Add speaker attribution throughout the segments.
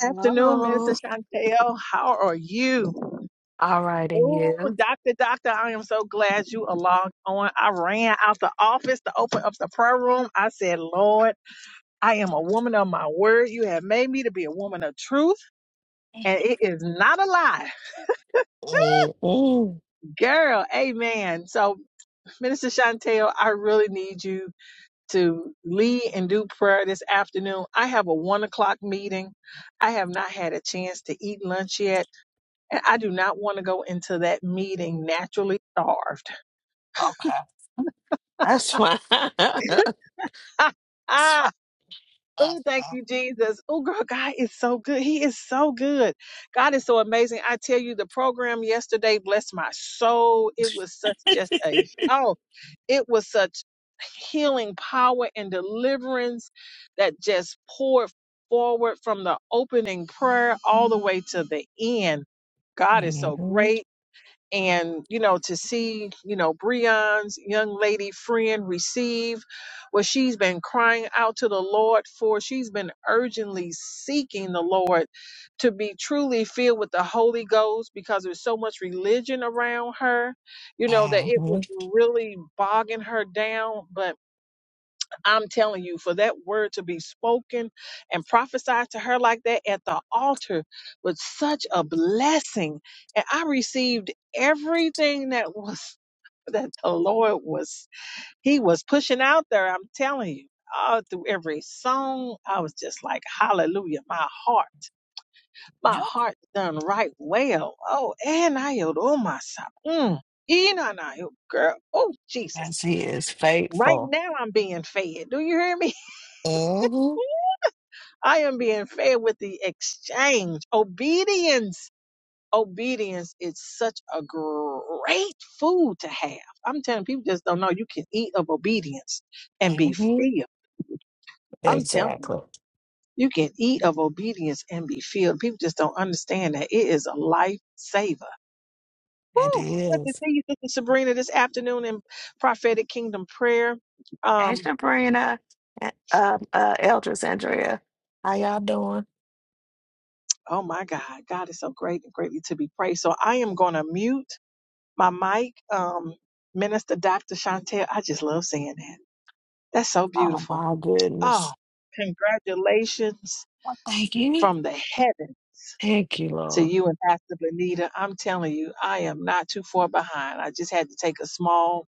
Speaker 1: Afternoon, Mr.
Speaker 2: Hello.
Speaker 1: Chantel. How are you?
Speaker 2: All right, and
Speaker 1: Oh,
Speaker 2: you?
Speaker 1: doctor, doctor, I am so glad you are logged on. I ran out the office to open up the prayer room. I said, Lord, I am a woman of my word. You have made me to be a woman of truth, and it is not a lie.
Speaker 2: Mm-mm.
Speaker 1: Girl, amen. So, Minister Chantel, I really need you to lead and do prayer this afternoon. I have a one o'clock meeting. I have not had a chance to eat lunch yet. And I do not want to go into that meeting naturally starved.
Speaker 2: Okay, that's fine. that's fine.
Speaker 1: ah, oh, thank you, Jesus. Oh, girl, God is so good. He is so good. God is so amazing. I tell you, the program yesterday blessed my soul. It was such just a, oh, it was such healing power and deliverance that just poured forward from the opening prayer all the way to the end. God is so
Speaker 2: Mm-hmm.
Speaker 1: great. and you know to see you know breon's young lady friend receive what she's been crying out to the lord for she's been urgently seeking the lord to be truly filled with the holy ghost because there's so much religion around her you know that it
Speaker 2: Mm-hmm.
Speaker 1: was really bogging her down but I'm telling you, for that word to be spoken and prophesied to her like that at the altar was such a blessing. And I received everything that was that the Lord was He was pushing out there. I'm telling you, all through every song, I was just like, Hallelujah, my heart, my
Speaker 2: Yep,
Speaker 1: heart done right well. Oh, and I yelled, oh my son. Mm. Ee, nah, nah, yo, Girl, oh Jesus.
Speaker 2: as he is
Speaker 1: Right
Speaker 2: faithful.
Speaker 1: now I'm being fed. Do you hear me?
Speaker 2: Mm-hmm.
Speaker 1: I am being fed with the exchange. Obedience. Obedience is such a great food to have. I'm telling you, people just don't know you can eat of obedience and be
Speaker 2: Mm-hmm.
Speaker 1: filled. I'm telling you,
Speaker 2: Exactly.
Speaker 1: you can eat of obedience and be filled. People just don't understand that it is a lifesaver.
Speaker 2: It
Speaker 1: Woo! But to
Speaker 2: is.
Speaker 1: see you, Sister Sabrina, this afternoon in prophetic kingdom prayer.
Speaker 2: Hey,
Speaker 1: Um,
Speaker 2: Sabrina, and, um, uh, Eldris, Andrea, how y'all doing?
Speaker 1: oh my God, God is so great and greatly to be praised. So I am gonna mute my mic, um, Minister Dr. Chantel. I just love saying that. That's so
Speaker 2: Oh,
Speaker 1: beautiful.
Speaker 2: my
Speaker 1: Oh,
Speaker 2: goodness.
Speaker 1: congratulations
Speaker 2: Well, thank you.
Speaker 1: from the heaven
Speaker 2: Thank you,
Speaker 1: to
Speaker 2: Lord.
Speaker 1: you and Pastor Benita. I'm telling you, I am not too far behind. I just had to take a small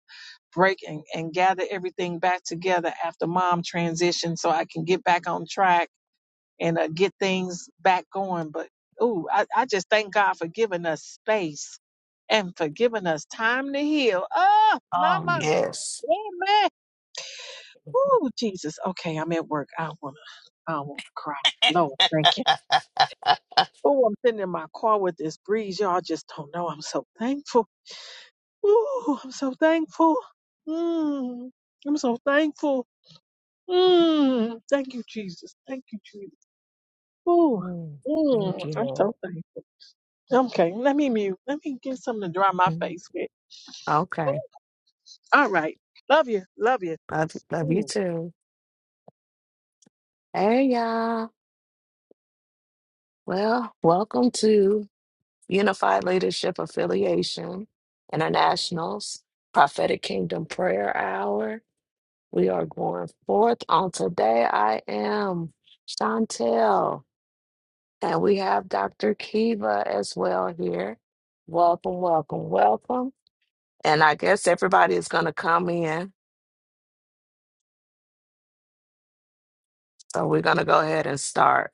Speaker 1: break and, and gather everything back together after mom transitioned so I can get back on track and uh, get things back going. But, ooh, I, I just thank God for giving us space and for giving us time to heal. Oh, Mama.
Speaker 2: Oh, yes.
Speaker 1: Amen. Ooh, Jesus. Okay, I'm at work. I don't wanna I don't wanna cry. No, thank you. Oh, I'm sitting in my car with this breeze. Y'all just don't know. I'm so thankful. Ooh, I'm so thankful. Mm, I'm so thankful. Mm, thank you, Jesus. Thank you, Jesus. Ooh,
Speaker 2: Mm, Thank
Speaker 1: mm,
Speaker 2: you,
Speaker 1: I'm
Speaker 2: Lord.
Speaker 1: so thankful. Okay, let me mute. Let me get something to dry my
Speaker 2: Mm,
Speaker 1: face with.
Speaker 2: Okay.
Speaker 1: All right. Love you. Love you.
Speaker 2: Love, love
Speaker 1: Mm.
Speaker 2: you too. Hey, y'all. Well, welcome to Unified Leadership Affiliation International's Prophetic Kingdom Prayer Hour. We are going forth on today. I am Chantel, and we have Dr. Kiva as well here. Welcome, welcome, welcome. And I guess everybody is going to come in. So we're going to go ahead and start.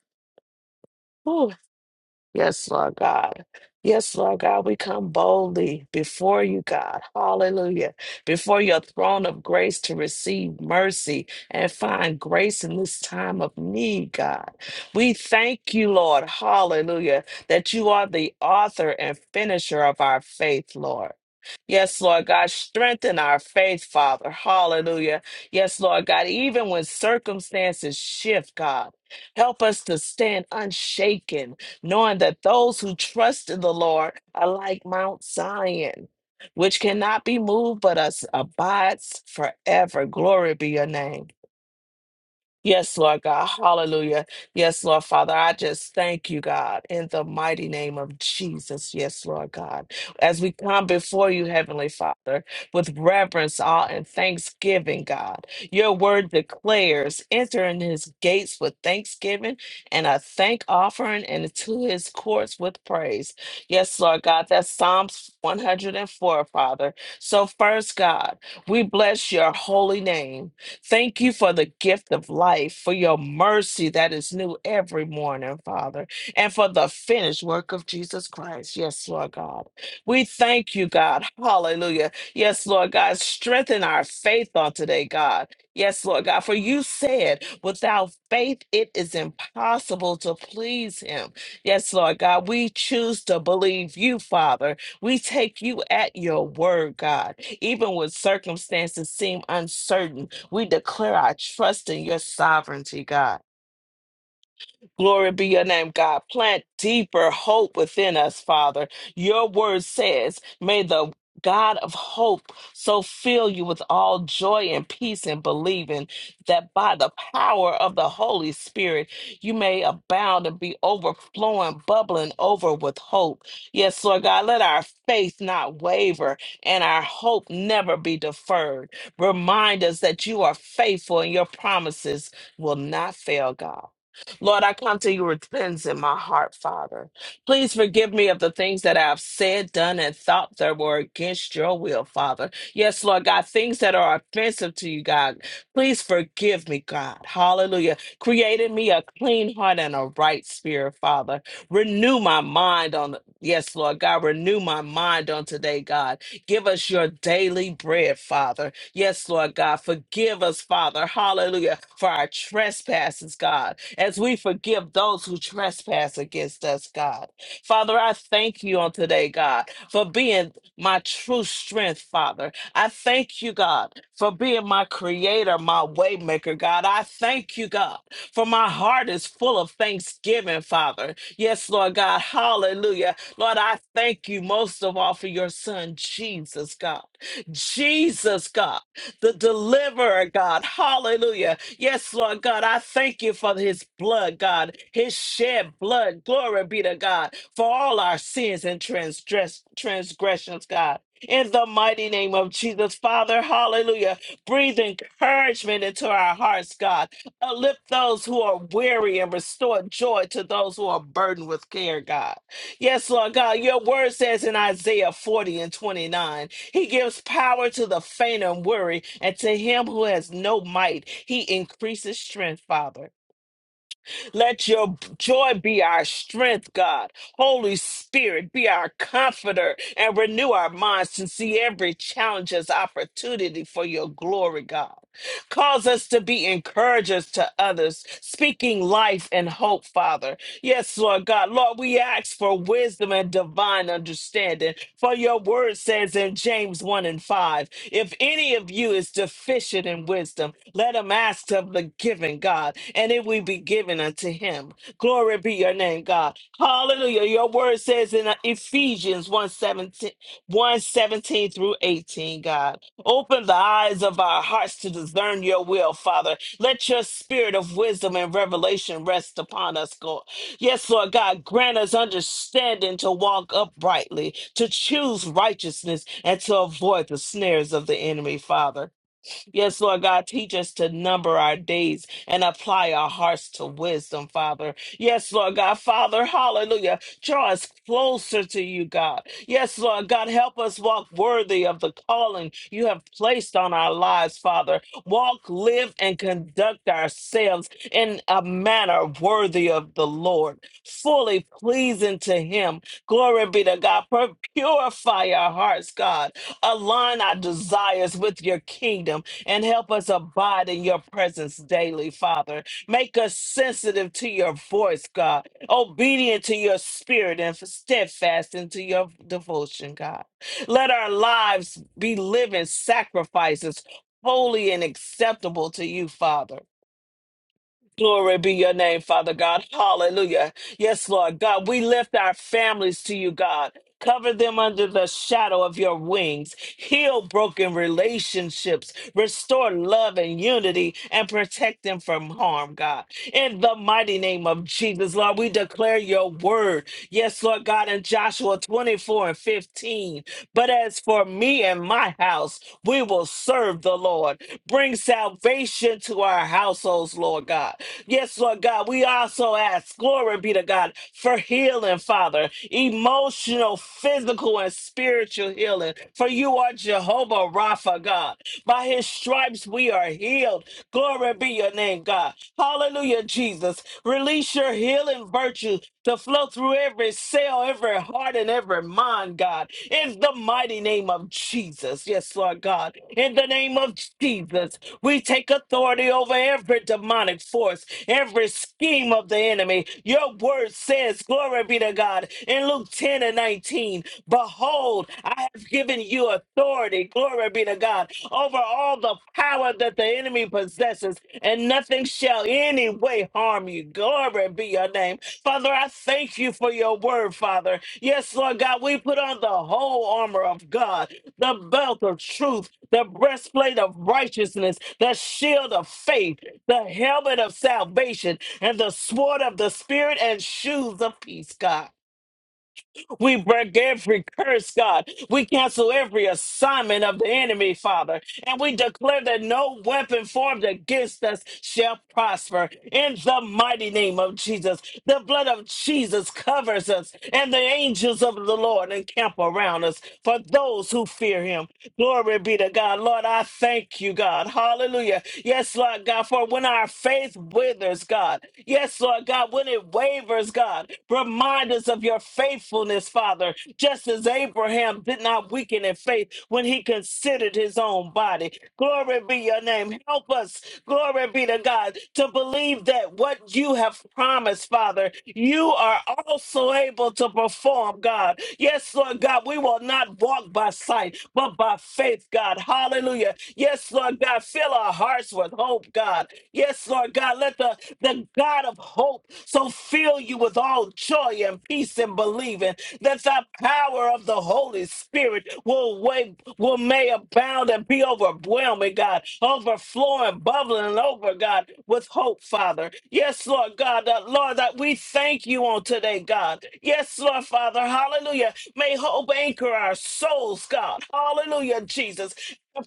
Speaker 2: Yes, Lord God. Yes, Lord God, we come boldly before you, God. Hallelujah. Before your throne of grace to receive mercy and find grace in this time of need, God. We thank you, Lord. Hallelujah. That you are the author and finisher of our faith, Lord. Yes, Lord God, strengthen our faith, Father. Hallelujah. Yes, Lord God, even when circumstances shift, God, help us to stand unshaken knowing that those who trust in the Lord are like Mount Zion, which cannot be moved but us abides forever. Glory be your name. Yes, Lord God. Hallelujah. Yes, Lord Father. I just thank you, God, in the mighty name of Jesus. Yes, Lord God. As we come before you, Heavenly Father, with reverence, awe, and thanksgiving, God, your word declares enter in his gates with thanksgiving and a thank offering and to his courts with praise. Yes, Lord God. That's Psalms 104, Father. So, first, God, we bless your holy name. Thank you for the gift of life, for your mercy that is new every morning, Father, and for the finished work of Jesus Christ. Yes, Lord God. We thank you, God. Hallelujah. Yes, Lord God. Strengthen our faith on today, God. Yes, Lord God. For you said, without faith, it is impossible to please Him. Yes, Lord God. We choose to believe you, Father. We take you at your word, God even when circumstances seem uncertain. We declare our trust in your sovereignty, God. Glory be your name, God. Plant deeper hope within us, Father. Your word says, may the God of hope so fill you with all joy and peace in believing that by the power of the Holy Spirit you may abound and be overflowing, bubbling over with hope. Yes, Lord God, let our faith not waver and our hope never be deferred. Remind us that you are faithful and your promises will not fail, God. Lord, I come to you with repentance in my heart, Father. Please forgive me of the things that I've said, done, and thought that were against your will, Father. Yes, Lord God, things that are offensive to you, God. Please forgive me, God. Hallelujah. Created me a clean heart and a right spirit, Father. Renew my mind on, yes, Lord God, renew my mind on today, God. Give us your daily bread, Father. Yes, Lord God, forgive us, Father. Hallelujah. For our trespasses, God as we forgive those who trespass against us, God. Father, I thank you on today, God, for being my true strength, Father. I thank you, God, for being my creator, my waymaker, God. I thank you, God, for my heart is full of thanksgiving, Father. Yes, Lord God. Hallelujah. Lord, I thank you most of all for your son, Jesus, God. Jesus, God, the deliverer, God. Hallelujah Yes, Lord God, I thank you for his blood, God, his shed blood. Glory be to God for all our sins and transgress- transgressions, God. In the mighty name of Jesus, Father, hallelujah. Breathe encouragement into our hearts, God. Uplift those who are weary and restore joy to those who are burdened with care, God. Yes, Lord God, your word says in Isaiah 40 and 29. He gives power to the faint and weary, and to him who has no might, he increases strength, Father. Let your joy be our strength, God. Holy Spirit, be our comforter and renew our minds to see every challenge as opportunity for your glory, God. Cause us to be encouragers to others, speaking life and hope, Father. Yes, Lord God. Lord, we ask for wisdom and divine understanding. For your word says in James 1 and 5 if any of you is deficient in wisdom, let him ask of the giving, God, and it will be given unto him. Glory be your name, God. Hallelujah. Your word says in uh, Ephesians one seventeen, one seventeen through 18, God. Open the eyes of our hearts to discern your will, Father. Let your spirit of wisdom and revelation rest upon us, God. Yes, Lord God, grant us understanding to walk uprightly, to choose righteousness, and to avoid the snares of the enemy, Father. Yes, Lord God, teach us to number our days and apply our hearts to wisdom, Father. Yes, Lord God, Father, hallelujah. Draw us closer to you, God. Yes, Lord God, help us walk worthy of the calling you have placed on our lives, Father. Walk, live, and conduct ourselves in a manner worthy of the Lord, fully pleasing to Him. Glory be to God. Pur- Purify our hearts, God. Align our desires with your kingdom and help us abide in your presence daily, Father. Make us sensitive to your voice, God, obedient to your spirit, and steadfast into your devotion, God. Let our lives be living sacrifices, holy and acceptable to you, Father. Glory be your name, Father God. Hallelujah. Yes, Lord God, we lift our families to you, God. Cover them under the shadow of your wings. Heal broken relationships. Restore love and unity and protect them from harm, God. In the mighty name of Jesus, Lord, we declare your word. Yes, Lord God, in Joshua 24 and 15. But as for me and my house, we will serve the Lord. Bring salvation to our households, Lord God. Yes, Lord God, we also ask, glory be to God, for healing, Father, emotional, physical, and spiritual healing. For you are Jehovah Rapha, God. By his stripes we are healed. Glory be your name, God. Hallelujah, Jesus. Release your healing virtue to flow through every cell, every heart, and every mind, God. In the mighty name of Jesus. Yes, Lord God. In the name of Jesus, we take authority over every demonic force, every scheme of the enemy. Your word says, Glory be to God. In Luke 10 and 19, behold, I have given you authority. Glory be to God over all the power that the enemy possesses, and nothing shall any way harm you. Glory be your name. Father, I thank you for your word, Father. Yes, Lord God, we put on the whole armor of God, the belt of truth, the breastplate of righteousness, the shield of faith, the helmet of salvation, and the sword of the spirit and shoes of peace, God. We break every curse, God. We cancel every assignment of the enemy, Father. And we declare that no weapon formed against us shall prosper. In the mighty name of Jesus, the blood of Jesus covers us, and the angels of the Lord encamp around us for those who fear him. Glory be to God. Lord, I thank you, God. Hallelujah. Yes, Lord God, for when our faith withers, God. Yes, Lord God, when it wavers, God, remind us of your faithfulness, Father, just as Abraham did not weaken in faith when he considered his own body. Glory be your name. Help us, glory be to God, to believe that what you have promised, Father, you are also able to perform, God. Yes, Lord God. Lord God, we will not walk by sight, but by faith, God. Hallelujah. Yes, Lord God, fill our hearts with hope, God. Yes, Lord God, let the, the God of hope so fill you with all joy and peace and believing that the power of the Holy Spirit will wait, will may abound and be overwhelming, God, overflowing, bubbling over, God, with hope, Father. Yes, Lord God, that, Lord, that we thank you on today, God. Yes, Lord Father, hallelujah. May hope anchor our souls, God. Hallelujah, Jesus.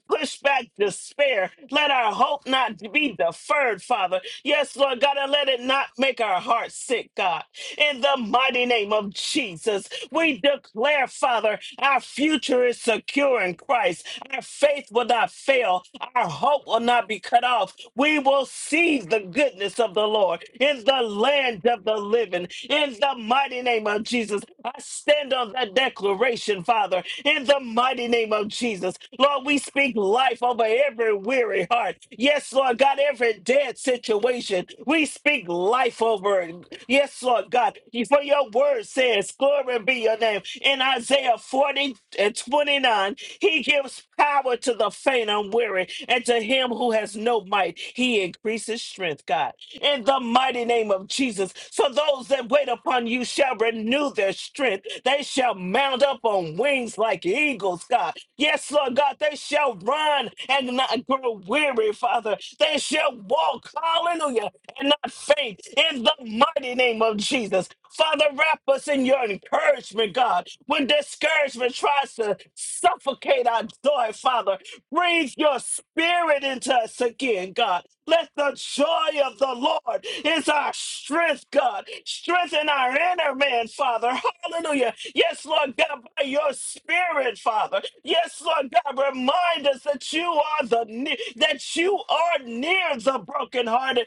Speaker 2: Push back despair. Let our hope not be deferred, Father. Yes, Lord God, and let it not make our hearts sick, God in the mighty name of Jesus. We declare, Father, our future is secure in Christ. Our faith will not fail. Our hope will not be cut off. We will see the goodness of the Lord in the land of the living. In the mighty name of Jesus, I stand on that declaration, Father, in the mighty name of Jesus. Jesus. Lord, we speak life over every weary heart. Yes, Lord God, every dead situation. We speak life over it. Yes, Lord God. For your word says, Glory be your name. In Isaiah 40 and 29, he gives power to the faint and weary, and to him who has no might, he increases strength, God. In the mighty name of Jesus. So those that wait upon you shall renew their strength. They shall mount up on wings like eagles, God. Yes, Lord God, they shall run and not grow weary, Father. They shall walk, hallelujah, and not faint in the mighty name of Jesus. Father, wrap us in your encouragement, God. When discouragement tries to suffocate our joy, Father, Breathe your spirit into us again, God. Let the joy of the Lord is our strength, God. Strengthen our inner man, Father. Hallelujah. Yes, Lord God, by your spirit, Father. Yes, Lord God, remind us that you are the ne- that you are near the brokenhearted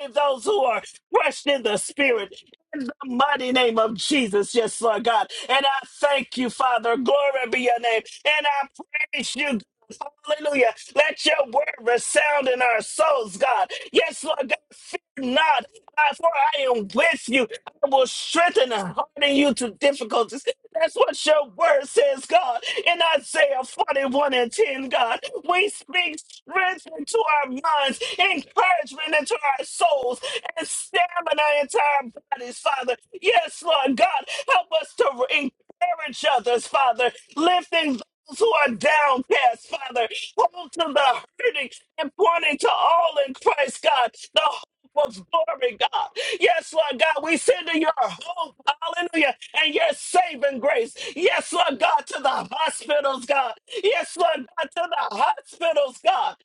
Speaker 2: and those who are crushed in the spirit. In the mighty name of Jesus, yes, Lord God. And I thank you, Father. Glory be your name. And I praise you. God. Hallelujah. Let your word resound in our souls, God. Yes, Lord God. Fear not, God, for I am with you. I will strengthen and harden you to difficulties. That's what your word says, God. In Isaiah 41 and 10, God, we speak strength into our minds, encouragement into our souls, and stamina into our bodies, Father. Yes, Lord God, help us to encourage others, Father, lifting those who are downcast, Father, hold to the hurting and pointing to all in Christ, God, the of glory, God. Yes, Lord God, we send in your hope, hallelujah, and your saving grace. Yes, Lord God, to the hospitals, God. Yes, Lord God, to the hospitals, God.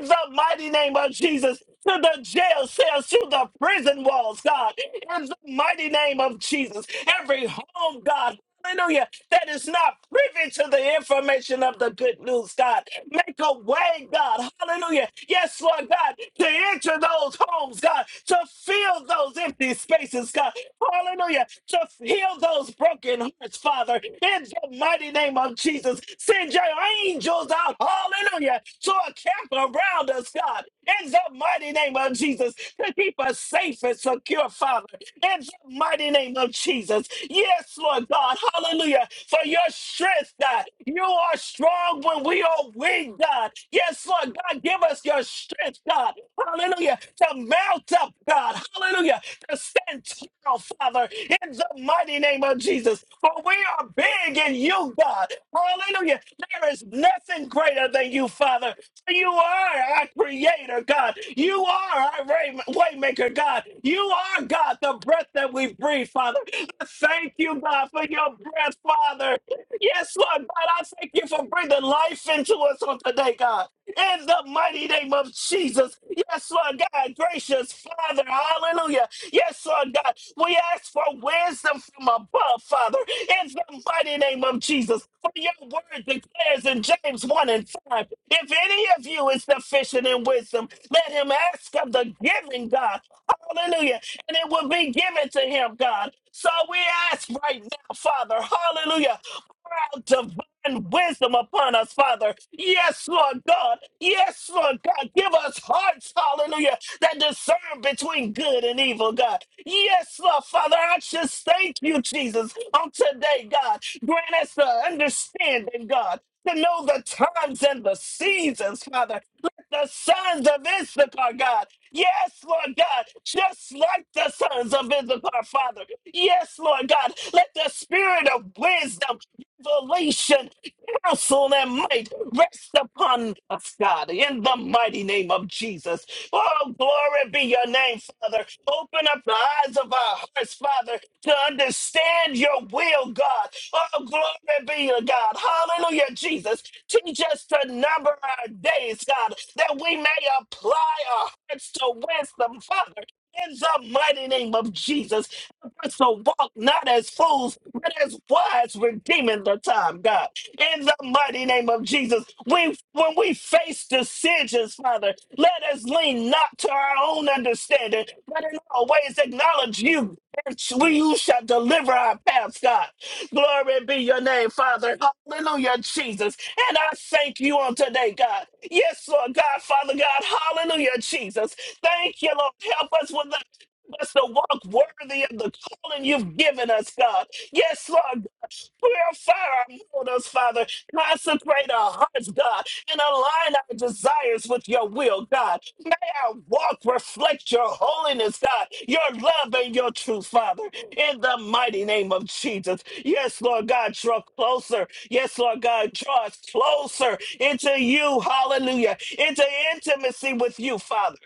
Speaker 2: In the mighty name of Jesus, to the jail cells, to the prison walls, God. In the mighty name of Jesus, every home, God. Hallelujah that is not privy to the information of the good news, God. Make a way, God. Hallelujah. Yes, Lord God, to enter those homes, God, to fill those empty spaces, God. Hallelujah. To heal those broken hearts, Father. In the mighty name of Jesus, send your angels out. Hallelujah. To camp around us, God, in the mighty name of Jesus, to keep us safe and secure, Father, in the mighty name of Jesus. Yes, Lord God, hallelujah, for your strength, God. You are strong when we are weak, God. Yes, Lord God, give us your strength, God, hallelujah, to mount up, God, hallelujah, to stand tall, Father, in the mighty name of Jesus. For we are big in you, God, hallelujah. There is nothing greater than you, Father. You are our creator, God. You are our way- waymaker, God. You are, God, the breath that we breathe, Father. I Thank you, God, for your breath, Father. Yes, Lord, God, I thank you for bringing life into us on today, God. In the mighty name of Jesus. Yes, Lord, God, gracious Father. Hallelujah. Yes, Lord God, we ask for wisdom from above, Father, in the mighty name of Jesus. For your word declares in James 1 and 5 if any of you is deficient in wisdom, let him ask of the giving God. Hallelujah. And it will be given to him, God. So we ask right now, Father, hallelujah, pour out divine wisdom upon us, Father. Yes, Lord God. Yes, Lord God. Give us hearts, hallelujah that discern between good and evil, God. Yes, Lord, Father, I just thank you, Jesus, on today, God. Grant us the understanding, God, to know the times and the seasons, Father. Let the sons of Issachar, God, Yes, Lord God, just like the sons of Issachar, Father. Yes, Lord God, let the spirit of wisdom, revelation, counsel, and might rest upon us, God, in the mighty name of Jesus. Oh, glory be your name, Father. Open up the eyes of our hearts, Father, to understand your will, God. Oh, glory be your God. Hallelujah, Jesus. Teach us to number our days, God, that we may apply our hearts to wisdom, Father. In the mighty name of Jesus, help us to walk not as fools, but as wise, redeeming the time, God in the mighty name of Jesus. We, when we face decisions, Father, let us lean not to our own understanding, but in all ways acknowledge you, and we, you shall deliver our paths, God. Glory be your name, Father. Hallelujah, Jesus. And I thank you on today, God. Yes, Lord God, Father God. Hallelujah, Jesus. Thank you, Lord. Help us with the us to walk worthy of the calling you've given us, God. Yes, Lord Purify our motives, Father. Concentrate our hearts, God, and align our desires with your will, God. May our walk reflect your holiness, God, your love and your truth, Father, in the mighty name of Jesus. Yes, Lord God, draw closer. Yes, Lord God, draw us closer into you, hallelujah, into intimacy with you, Father.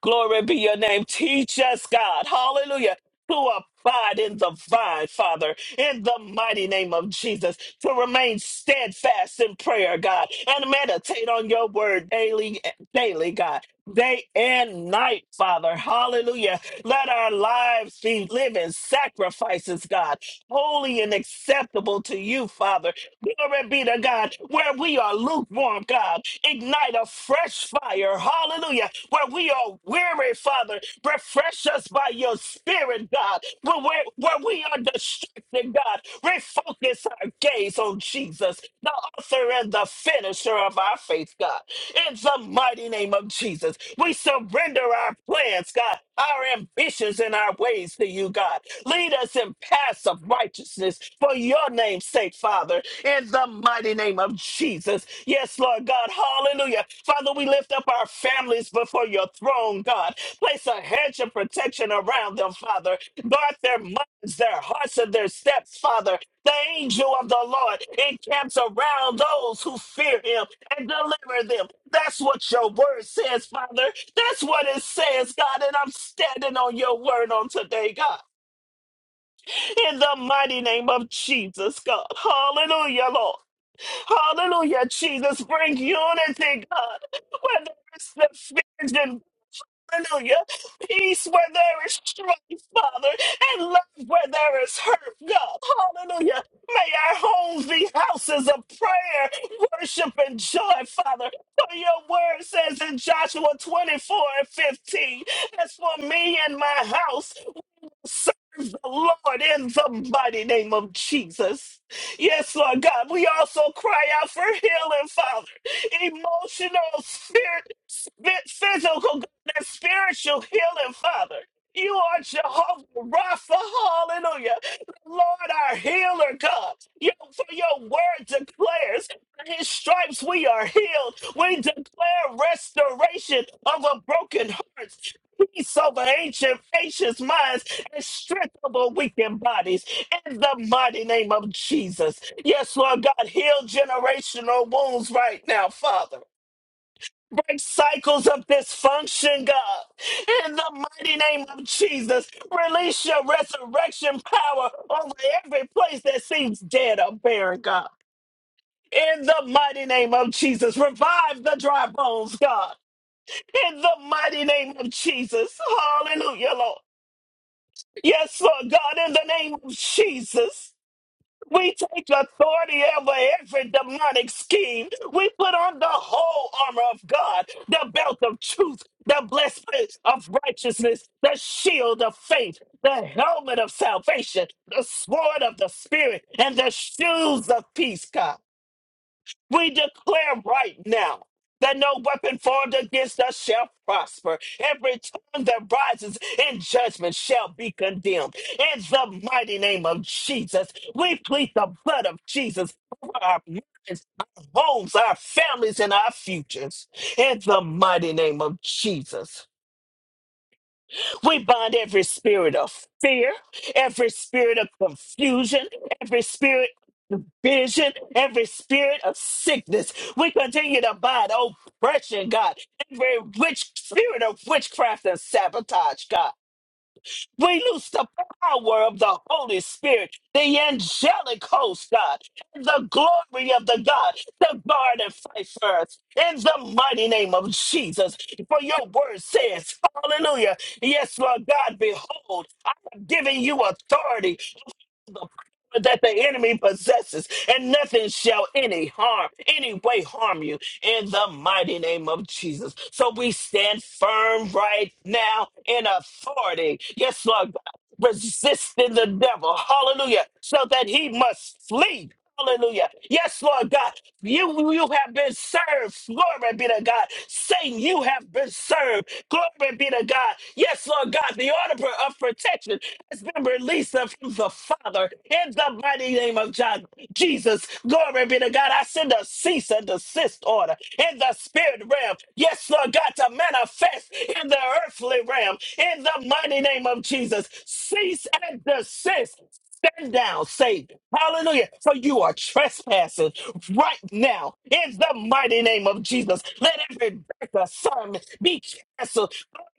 Speaker 2: Glory be your name. Teach us, God. Hallelujah. To abide in the vine, Father, in the mighty name of Jesus, to remain steadfast in prayer, God, and meditate on your word daily, daily, God, day and night, Father. Hallelujah. Let our lives be living sacrifices, God, holy and acceptable to you, Father. Glory be to God. Where we are lukewarm, God, ignite a fresh fire. Hallelujah. Where we are weary, Father, refresh us by your spirit, God. Where, where, where we are distracted, God, refocus our gaze on Jesus, the author and the finisher of our faith, God in the mighty name of Jesus. We surrender our plans, God, our ambitions and our ways to you, God. Lead us in paths of righteousness for your name's sake, Father, in the mighty name of Jesus. Yes, Lord God. Hallelujah. Father, we lift up our families before your throne, God. Place a hedge of protection around them, Father. Guard their minds, their hearts, and their steps, Father, the angel of the Lord encamps around those who fear him and deliver them. That's what your word says, Father. That's what it says, God. And I'm standing on your word on today, God. In the mighty name of Jesus, God. Hallelujah, Lord. Hallelujah, Jesus. Bring unity, God. Whether it's the fear Hallelujah. Peace where there is strife, Father, and love where there is hurt, God. Hallelujah. May our homes be houses of prayer, worship, and joy, Father. For your word says in Joshua 24 and 15, as for me and my house, Serve the Lord in the mighty name of Jesus. Yes, Lord God, we also cry out for healing, Father. Emotional, spirit, sp- physical, God, and spiritual healing, Father. You are Jehovah Rapha, hallelujah. Lord, our healer, God. Your, for your word declares, by his stripes we are healed. We declare restoration of a broken heart peace over ancient, anxious minds and strength over weakened bodies in the mighty name of Jesus. Yes, Lord God, heal generational wounds right now, Father. Break cycles of dysfunction, God, in the mighty name of Jesus. Release your resurrection power over every place that seems dead or barren, God. In the mighty name of Jesus, revive the dry bones, God. In the mighty name of Jesus, hallelujah, Lord. Yes, Lord God, in the name of Jesus. We take authority over every demonic scheme. We put on the whole armor of God, the belt of truth, the breastplate of righteousness, the shield of faith, the helmet of salvation, the sword of the spirit, and the shoes of peace, God. We declare right now that no weapon formed against us shall prosper. Every tongue that rises in judgment shall be condemned. In the mighty name of Jesus, we plead the blood of Jesus over our minds, our homes, our families, and our futures. In the mighty name of Jesus. We bind every spirit of fear, every spirit of confusion, every spirit of division, every spirit of sickness. We continue to bind oppression, God, every witch spirit of witchcraft and sabotage, God. We lose the power of the Holy Spirit, the angelic host, God, and the glory of the God, the guard and fight for us, in the mighty name of Jesus. For your word says, Hallelujah. Yes, Lord God, behold, I'm giving you authority the power that the enemy possesses, and nothing shall any harm, any way harm you in the mighty name of Jesus. So we stand firm right now in authority. Yes, Lord God, resisting the devil. Hallelujah. So that he must flee. Hallelujah. Yes, Lord God, you, you have been served. Glory be to God. Satan, you have been served. Glory be to God. Yes, Lord God, the order of protection has been released Lisa from the Father in the mighty name of John, Jesus. Glory be to God. I send a cease and desist order in the spirit realm. Yes, Lord God, to manifest in the earthly realm in the mighty name of Jesus. Cease and desist. Stand down, Savior. Hallelujah. For you are trespassing right now in the mighty name of Jesus. Let every back assignment be canceled.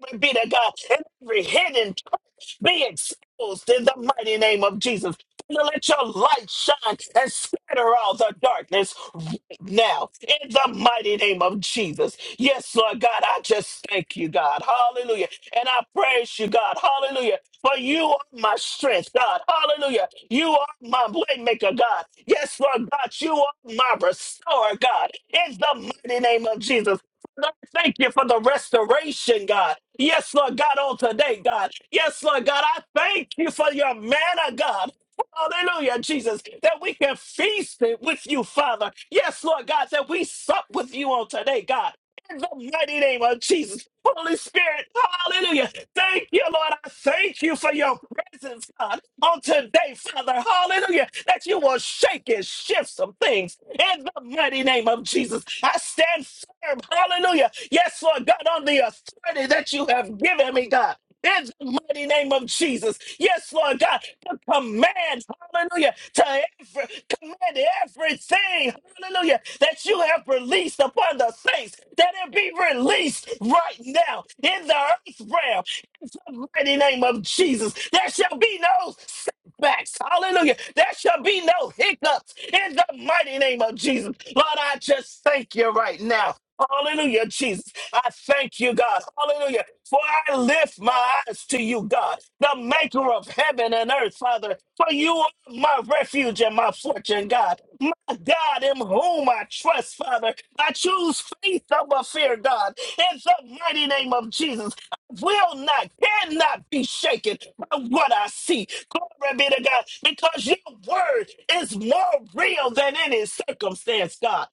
Speaker 2: Glory be to God. And every hidden trap be exposed in the mighty name of Jesus. To let your light shine and scatter all the darkness right now in the mighty name of Jesus. Yes, Lord God, I just thank you, God. Hallelujah. And I praise you, God. Hallelujah. For you are my strength, God. Hallelujah. You are my waymaker, God. Yes, Lord God, you are my restorer, God. In the mighty name of Jesus. Lord, thank you for the restoration, God. Yes, Lord God, on today, God. Yes, Lord God, I thank you for your manna, God. Hallelujah, Jesus, that we can feast it with you, Father. Yes, Lord God, that we sup with you on today, God. In the mighty name of Jesus, Holy Spirit, hallelujah. Thank you, Lord. I thank you for your presence, God, on today, Father. Hallelujah. That you will shake and shift some things in the mighty name of Jesus. I stand firm. Hallelujah. Yes, Lord God, on the authority that you have given me, God. In the mighty name of Jesus. Yes, Lord God, to command, hallelujah, to every, command everything, hallelujah, that you have released upon the saints, that it be released right now in the earth realm. In the mighty name of Jesus, there shall be no setbacks. Hallelujah. There shall be no hiccups in the mighty name of Jesus. Lord, I just thank you right now. Hallelujah, Jesus. I thank you, God. Hallelujah. For I lift my eyes to you, God, the maker of heaven and earth, Father. For you are my refuge and my fortune, God. My God, in whom I trust, Father. I choose faith over fear, God. In the mighty name of Jesus will not, cannot be shaken by what I see. Glory be to God, because your word is more real than any circumstance, God.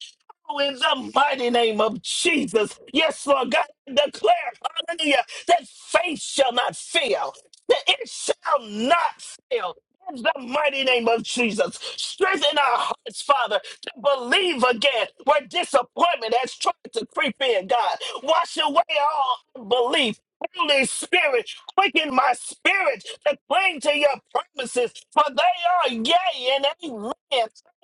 Speaker 2: Oh, in the mighty name of Jesus. Yes, Lord God, I declare, hallelujah, that faith shall not fail, that it shall not fail. In the mighty name of Jesus, strengthen our hearts, Father, to believe again where disappointment has tried to creep in, God. Wash away all unbelief Holy Spirit, quicken my spirit to cling to your promises, for they are yea and amen.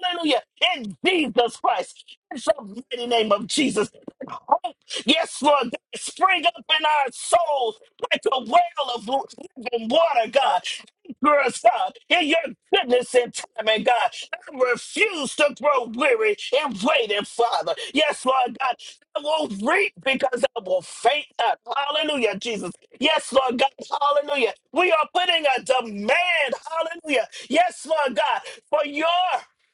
Speaker 2: Hallelujah. In Jesus Christ, in the mighty name of Jesus. Hope, yes, Lord, God, spring up in our souls like a well of living water, God. Girls, God, in your goodness and timing, God, I refuse to grow weary in waiting, Father. Yes, Lord God, I will not reap because I will faint not. Hallelujah, Jesus. Yes, Lord God, hallelujah. We are putting a demand, hallelujah. Yes, Lord God, for your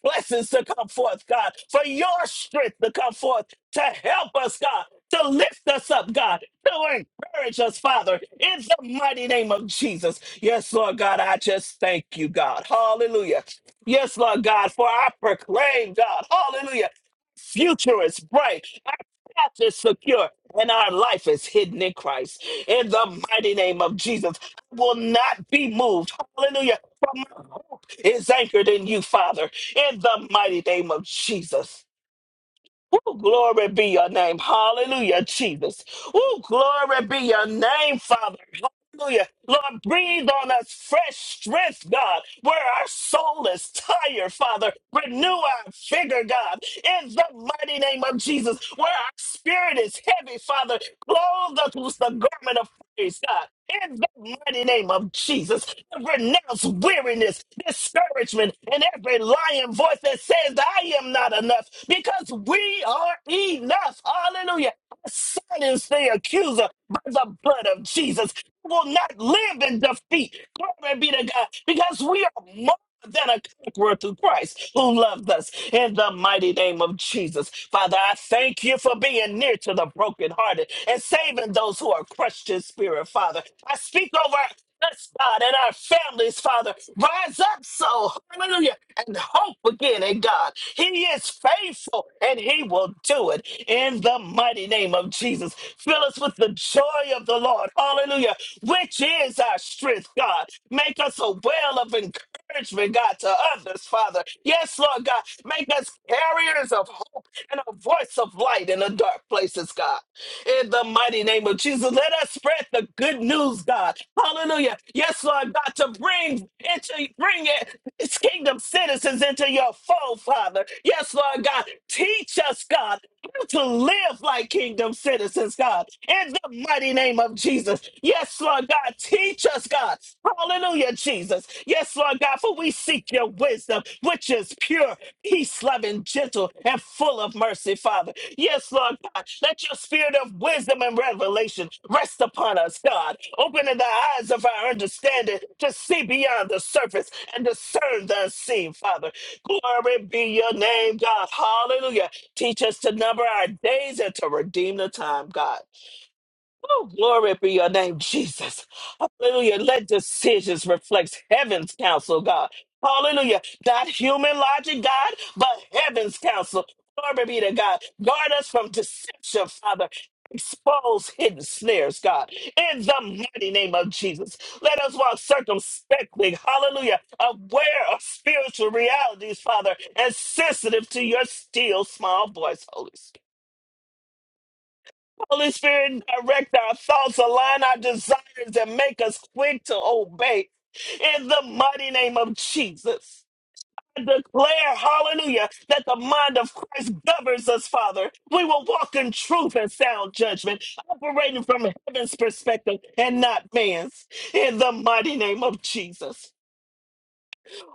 Speaker 2: blessings to come forth, God, for your strength to come forth, to help us, God, to lift us up, God, to encourage us, Father, in the mighty name of Jesus. Yes, Lord God, I just thank you, God. Hallelujah. Yes, Lord God, for I proclaim, God. Hallelujah. Future is bright. Our path is secure, and our life is hidden in Christ. In the mighty name of Jesus, I will not be moved. Hallelujah. For my hope is anchored in you, Father. In the mighty name of Jesus. Ooh, glory be your name. Hallelujah, Jesus. Ooh, glory be your name, Father. Hallelujah. Lord, breathe on us fresh strength, God, where our soul is tired, Father. Renew our vigor, God, in the mighty name of Jesus, where our spirit is heavy, Father. Clothe us with the garment of praise, God. In the mighty name of Jesus, renounce weariness, discouragement, and every lying voice that says that I am not enough because we are enough. Hallelujah. I silence the accuser by the blood of Jesus. We will not live in defeat. Glory be to God because we are more. Than a conqueror through Christ who loved us in the mighty name of Jesus. Father, I thank you for being near to the brokenhearted and saving those who are crushed in spirit, Father. I speak over us, God, and our families, Father. Rise up so, hallelujah, and hope again in God. He is faithful and He will do it in the mighty name of Jesus. Fill us with the joy of the Lord, hallelujah, which is our strength, God. Make us a well of encouragement, God, to others, Father. Yes, Lord God, make us carriers of hope and a voice of light in the dark places, God in the mighty name of Jesus. Let us spread the good news, God. Hallelujah. Yes, Lord God, to bring into bring it its kingdom citizens into your fold, Father. Yes, Lord God. Teach us, God to live like kingdom citizens, God, in the mighty name of Jesus. Yes, Lord God, teach us, God. Hallelujah, Jesus. Yes, Lord God, for we seek your wisdom, which is pure, peace loving, gentle, and full of mercy, Father. Yes, Lord God, let your spirit of wisdom and revelation rest upon us, God, opening the eyes of our understanding to see beyond the surface and discern the unseen, Father. Glory be your name, God. Hallelujah. Teach us to number our days and to redeem the time, God. Oh, glory be your name, Jesus. Hallelujah. Let decisions reflect heaven's counsel, God. Hallelujah. Not human logic, God, but heaven's counsel. Glory be to God. Guard us from deception, Father. Expose hidden snares, God. In the mighty name of Jesus. Let us walk circumspectly, hallelujah, aware of spiritual realities, Father, and sensitive to your still small voice, Holy Spirit. Holy Spirit, direct our thoughts, align our desires, and make us quick to obey. In the mighty name of Jesus. I Declare, hallelujah, that the mind of Christ governs us, Father. We will walk in truth and sound judgment, operating from heaven's perspective and not man's. In the mighty name of Jesus.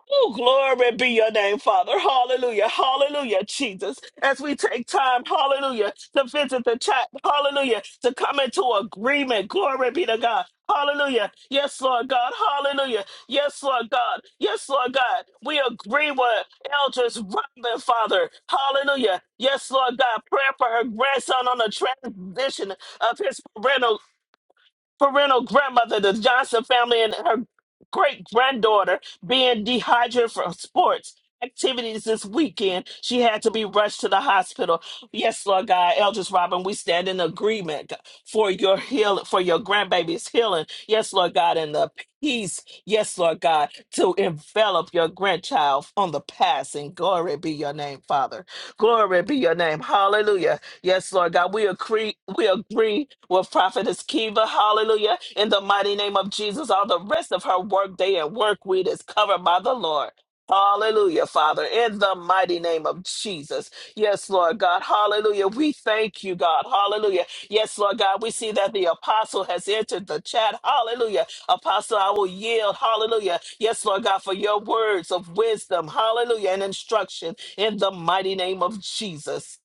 Speaker 2: Oh, glory be your name, Father. Hallelujah. Hallelujah, Jesus. As we take time, hallelujah, to visit the chat, hallelujah, to come into agreement. Glory be to God. Hallelujah. Yes, Lord God. Hallelujah. Yes, Lord God. Yes, Lord God. We agree with Elders Robin, Father. Hallelujah. Yes, Lord God. Prayer for her grandson on the transition of his parental parental grandmother, the Johnson family, and her great granddaughter being dehydrated from sports activities this weekend. She had to be rushed to the hospital. Yes, Lord God, Eldris Robin, we stand in agreement for your heal for your grandbaby's healing. Yes, Lord God, and the peace, yes, Lord God, to envelop your grandchild on the passing. Glory be your name, Father. Glory be your name. Hallelujah. Yes, Lord God, we agree, we agree with Prophetess Kiva, hallelujah. In the mighty name of Jesus, all the rest of her work day and work week is covered by the Lord. Hallelujah, Father, in the mighty name of Jesus. Yes, Lord God, hallelujah. We thank you, God, hallelujah. Yes, Lord God, we see that the apostle has entered the chat, hallelujah. Apostle, I will yield, hallelujah. Yes, Lord God, for your words of wisdom, hallelujah, and instruction in the mighty name of Jesus.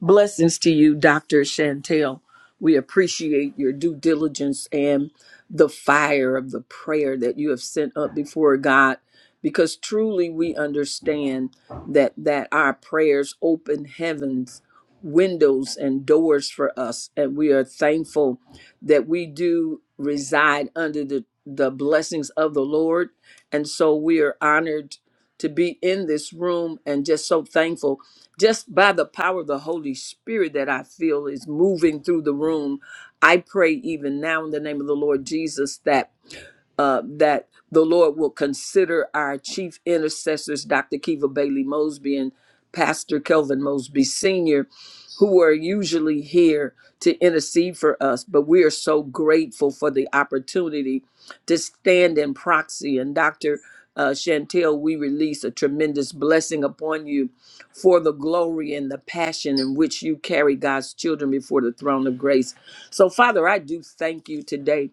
Speaker 3: Blessings to you, Dr. Chantel. We appreciate your due diligence and the fire of the prayer that you have sent up before God because truly we understand that that our prayers open heavens windows and doors for us and we are thankful that we do reside under the the blessings of the Lord and so we are honored to be in this room and just so thankful just by the power of the Holy Spirit that I feel is moving through the room. I pray even now in the name of the Lord Jesus that uh, that the Lord will consider our chief intercessors, Dr. Kiva Bailey Mosby and Pastor Kelvin Mosby Sr., who are usually here to intercede for us. But we are so grateful for the opportunity to stand in proxy. And Dr. Uh, Chantel, we release a tremendous blessing upon you for the glory and the passion in which you carry God's children before the throne of grace. So, Father, I do thank you today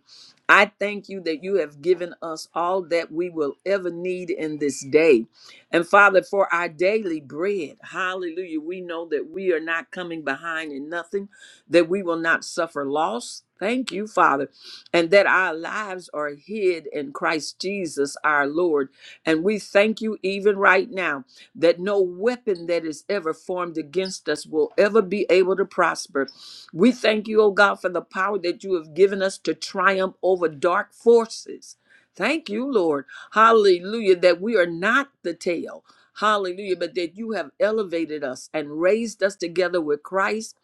Speaker 3: I thank you that you have given us all that we will ever need in this day. And Father, for our daily bread, hallelujah, we know that we are not coming behind in nothing, that we will not suffer loss. Thank you, Father, and that our lives are hid in Christ Jesus our Lord. And we thank you even right now that no weapon that is ever formed against us will ever be able to prosper we thank you, O God, for the power that you have given us to triumph over dark forces. Thank you, Lord. Hallelujah, that we are not the tail. Hallelujah, but that you have elevated us and raised us together with Christ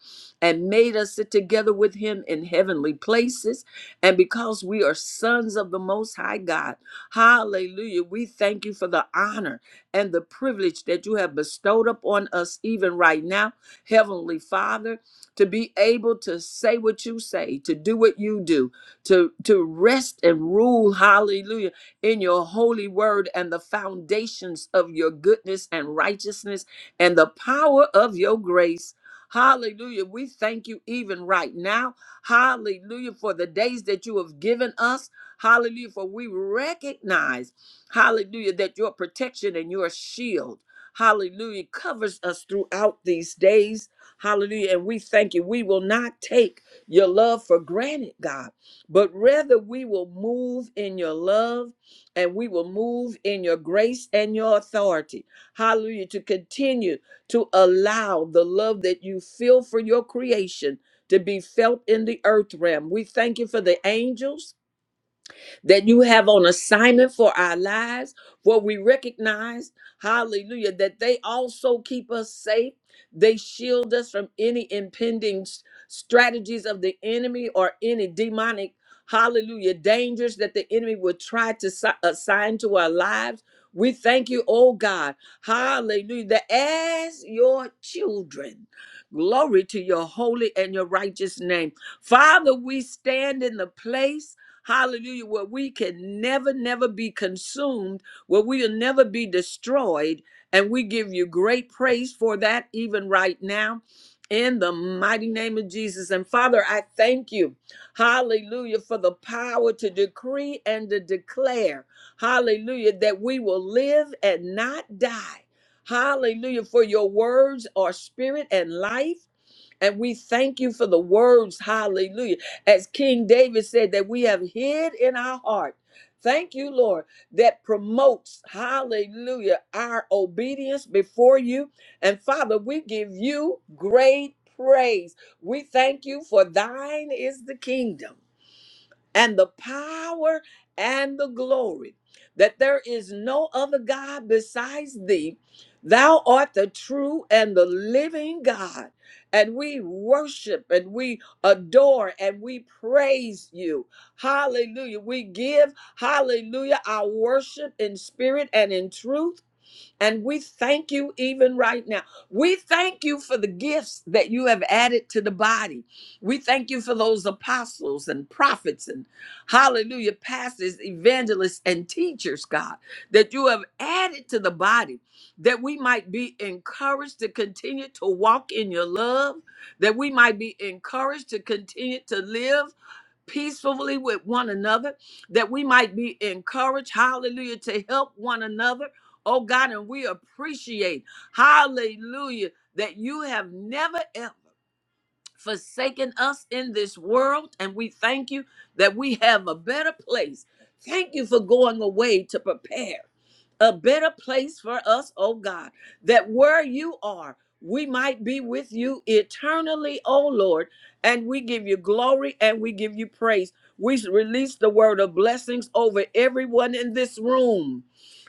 Speaker 3: and made us sit together with him in heavenly places. And because we are sons of the Most High God, hallelujah, we thank you for the honor and the privilege that you have bestowed upon us even right now. Heavenly Father, to be able to say what you say, to do what you do, to, to rest and rule, hallelujah, in your holy word and the foundations of your goodness and righteousness and the power of your grace. Hallelujah. We thank you even right now. Hallelujah. For the days that you have given us. Hallelujah. For we recognize, hallelujah, that your protection and your shield, hallelujah, covers us throughout these days. Hallelujah. And we thank you. We will not take your love for granted, God, but rather we will move in your love and we will move in your grace and your authority. Hallelujah. To continue to allow the love that you feel for your creation to be felt in the earth realm. We thank you for the angels that you have on assignment for our lives, for we recognize, hallelujah, that they also keep us safe. They shield us from any impending s- strategies of the enemy or any demonic, hallelujah, dangers that the enemy would try to si- assign to our lives. We thank you, oh God, hallelujah, that as your children, glory to your holy and your righteous name. Father, we stand in the place. Hallelujah. Where we can never, never be consumed, where we will never be destroyed. And we give you great praise for that, even right now, in the mighty name of Jesus. And Father, I thank you, hallelujah, for the power to decree and to declare, hallelujah, that we will live and not die. Hallelujah, for your words are spirit and life. And we thank you for the words, hallelujah. As King David said, that we have hid in our heart. Thank you, Lord, that promotes, hallelujah, our obedience before you. And Father, we give you great praise. We thank you for thine is the kingdom and the power and the glory, that there is no other God besides thee. Thou art the true and the living God, and we worship and we adore and we praise you. Hallelujah. We give, hallelujah, our worship in spirit and in truth. And we thank you even right now. We thank you for the gifts that you have added to the body. We thank you for those apostles and prophets and hallelujah, pastors, evangelists, and teachers, God, that you have added to the body that we might be encouraged to continue to walk in your love, that we might be encouraged to continue to live peacefully with one another, that we might be encouraged, hallelujah, to help one another. Oh God, and we appreciate, hallelujah, that you have never ever forsaken us in this world, and we thank you that we have a better place. Thank you for going away to prepare a better place for us, oh God, that where you are, we might be with you eternally, oh Lord. And we give you glory and we give you praise. We release the word of blessings over everyone in this room.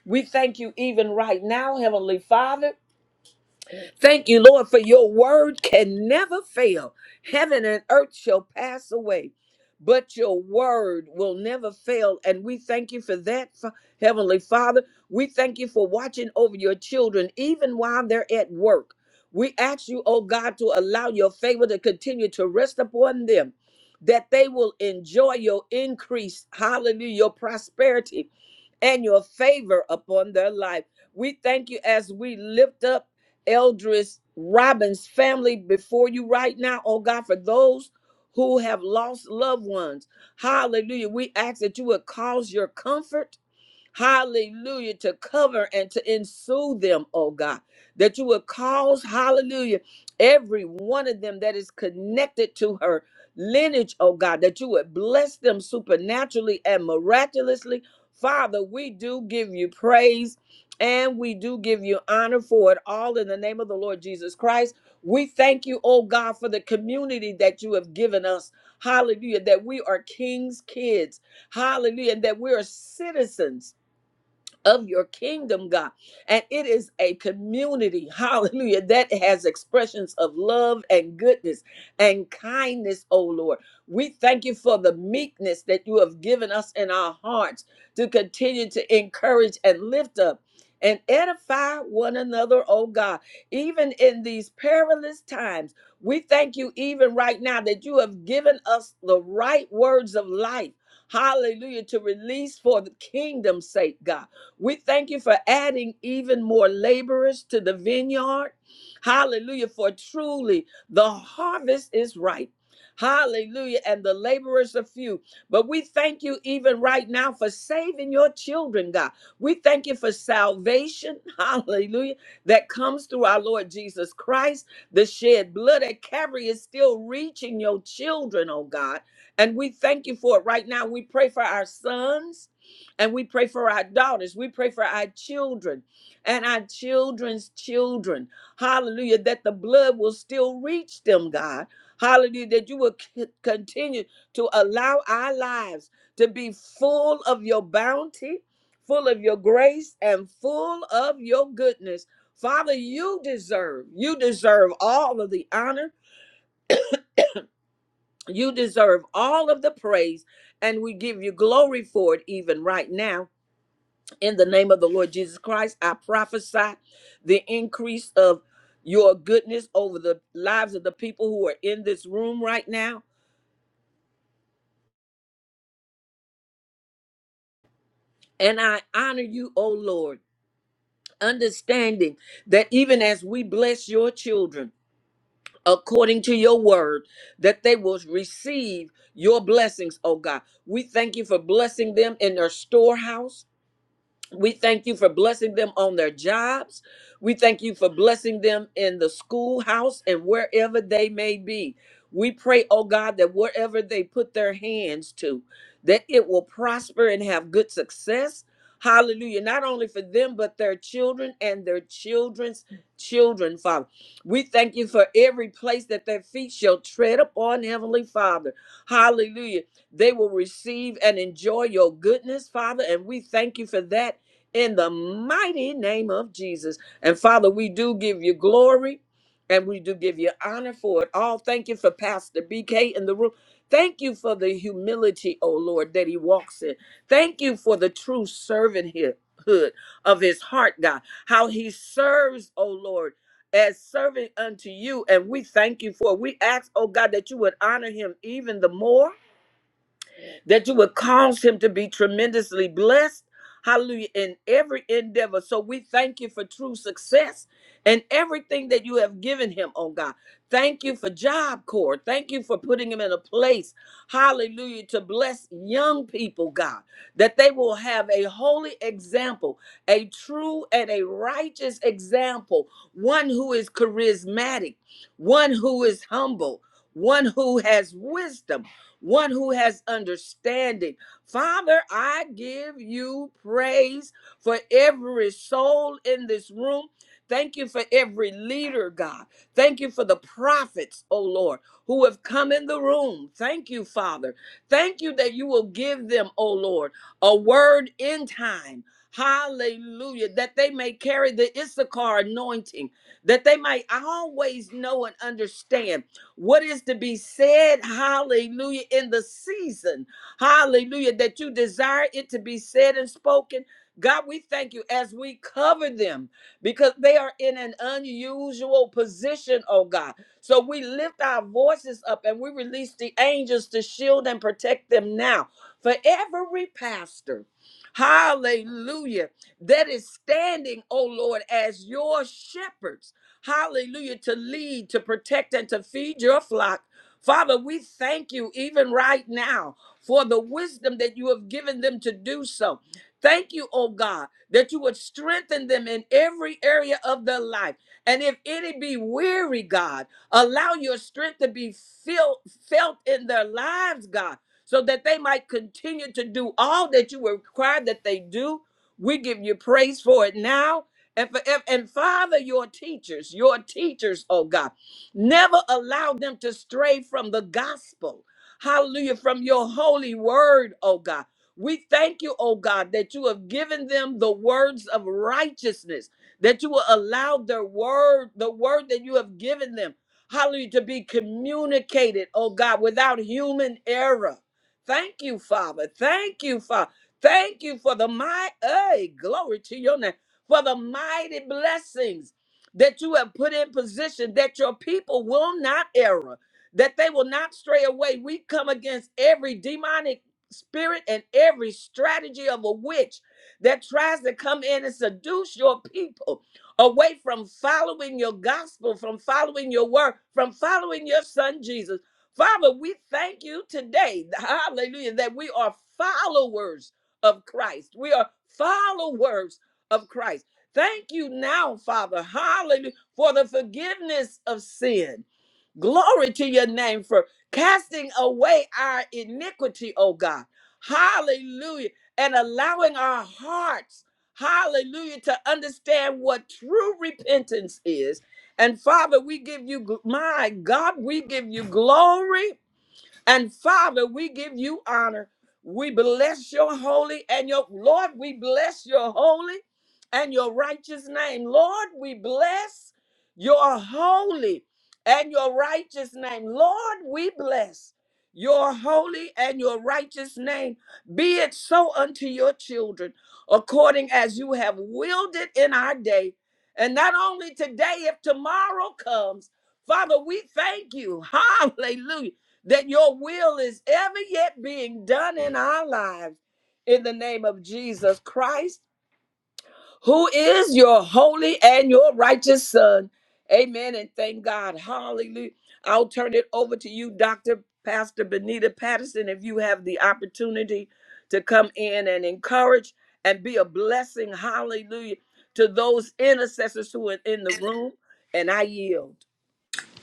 Speaker 3: We thank you even right now, Heavenly Father Thank you, Lord, for your word can never fail. Heaven and earth shall pass away, but your word will never fail. And we thank you for that, Fa- Heavenly Father. We thank you for watching over your children, even while they're at work. We ask you, oh God, to allow your favor to continue to rest upon them, that they will enjoy your increase. Hallelujah, your prosperity and your favor upon their life. We thank you as we lift up Eldris Robbins' family before you right now, oh God, for those who have lost loved ones. Hallelujah. We ask that you would cause your comfort hallelujah, to cover and to ensue them, oh God, that you would cause, hallelujah, every one of them that is connected to her lineage, oh God, that you would bless them supernaturally and miraculously. Father, we do give you praise and we do give you honor for it all in the name of the Lord Jesus Christ. We thank you, oh God, for the community that you have given us. Hallelujah, that we are king's kids. Hallelujah, and that we are citizens of your kingdom, God. And it is a community, hallelujah, that has expressions of love and goodness and kindness, oh Lord. We thank you for the meekness that you have given us in our hearts to continue to encourage and lift up. And edify one another, oh God, even in these perilous times. We thank you, even right now, that you have given us the right words of life. Hallelujah, to release for the kingdom's sake, God. We thank you for adding even more laborers to the vineyard. Hallelujah. For truly the harvest is ripe. Hallelujah. And the laborers are few. But we thank you even right now for saving your children, God. We thank you for salvation. Hallelujah. That comes through our Lord Jesus Christ. The shed blood at Calvary is still reaching your children, oh God. And we thank you for it right now. We pray for our sons and we pray for our daughters. We pray for our children and our children's children. Hallelujah. That the blood will still reach them, God. Hallelujah. That you will c- continue to allow our lives to be full of your bounty, full of your grace, and full of your goodness. Father, you deserve, you deserve all of the honor. You deserve all of the praise, and we give you glory for it even right now in the name of the Lord Jesus Christ, I prophesy the increase of your goodness over the lives of the people who are in this room right now. And I honor you, O Lord, understanding that even as we bless your children according to your word, that they will receive your blessings, O God. We thank you for blessing them in their storehouse. We thank you for blessing them on their jobs. We thank you for blessing them in the schoolhouse and wherever they may be. We pray, oh God, that whatever they put their hands to, that it will prosper and have good success. Hallelujah. Not only for them, but their children and their children's children, Father. We thank you for every place that their feet shall tread upon, Heavenly Father. Hallelujah. They will receive and enjoy your goodness, Father. And we thank you for that in the mighty name of Jesus. And Father, we do give you glory and we do give you honor for it all. Thank you for Pastor BK in the room. Thank you for the humility, oh Lord, that he walks in. Thank you for the true servanthood of his heart, God, how he serves, oh Lord. As servant unto you, and we thank you for it. We ask, oh God, that you would honor him even the more that you would cause him to be tremendously blessed. Hallelujah. In every endeavor. So we thank you for true success and everything that you have given him, oh God. Thank you for Job Corps. Thank you for putting him in a place, hallelujah, to bless young people, God, that they will have a holy example, a true and a righteous example, one who is charismatic, one who is humble, one who has wisdom one who has understanding. Father, I give you praise for every soul in this room. Thank you for every leader, God. Thank you for the prophets, oh Lord, who have come in the room. Thank you, Father. Thank you that you will give them, oh Lord, a word in time. Hallelujah. That they may carry the Issachar anointing, that they might always know and understand what is to be said, hallelujah, in the season, hallelujah, that you desire it to be said and spoken. God, we thank you as we cover them because they are in an unusual position, oh God. So we lift our voices up and we release the angels to shield and protect them now. For every pastor, hallelujah, that is standing, oh Lord, as your shepherds hallelujah, to lead, to protect, and to feed your flock. Father, we thank you even right now for the wisdom that you have given them to do so. Thank you, oh God, that you would strengthen them in every area of their life. And if any be weary, God, allow your strength to be feel, felt in their lives, God, so that they might continue to do all that you require that they do. We give you praise for it now and, for, and and father your teachers, your teachers, oh God. Never allow them to stray from the gospel. Hallelujah. From your holy word, oh God. We thank you, oh God, that you have given them the words of righteousness, that you will allow their word, the word that you have given them, hallelujah, to be communicated, oh God, without human error. Thank you, Father. Thank you, Father. Thank you for the my hey, glory to your name for the mighty blessings that you have put in position that your people will not err, that they will not stray away. We come against every demonic spirit and every strategy of a witch that tries to come in and seduce your people away from following your gospel, from following your word, from following your son Jesus. Father, we thank you today, hallelujah, that we are followers of Christ. We are followers of Christ. Thank you now, Father, hallelujah, for the forgiveness of sin. Glory to your name for casting away our iniquity, oh God. Hallelujah. And allowing our hearts, hallelujah, to understand what true repentance is. And Father, we give you, gl- my God, we give you glory and Father, we give you honor. We bless your holy and your Lord, we bless your holy and your righteous name. Lord, we bless your holy and your righteous name. Lord, we bless your holy and your righteous name. Be it so unto your children, according as you have willed it in our day. And not only today, if tomorrow comes, Father, we thank you. Hallelujah that your will is ever yet being done in our lives in the name of Jesus Christ, who is your holy and your righteous Son. Amen. And thank God. Hallelujah. I'll turn it over to you, Dr. Pastor Benita Patterson, if you have the opportunity to come in and encourage and be a blessing. Hallelujah. To those intercessors who are in the room. And I yield.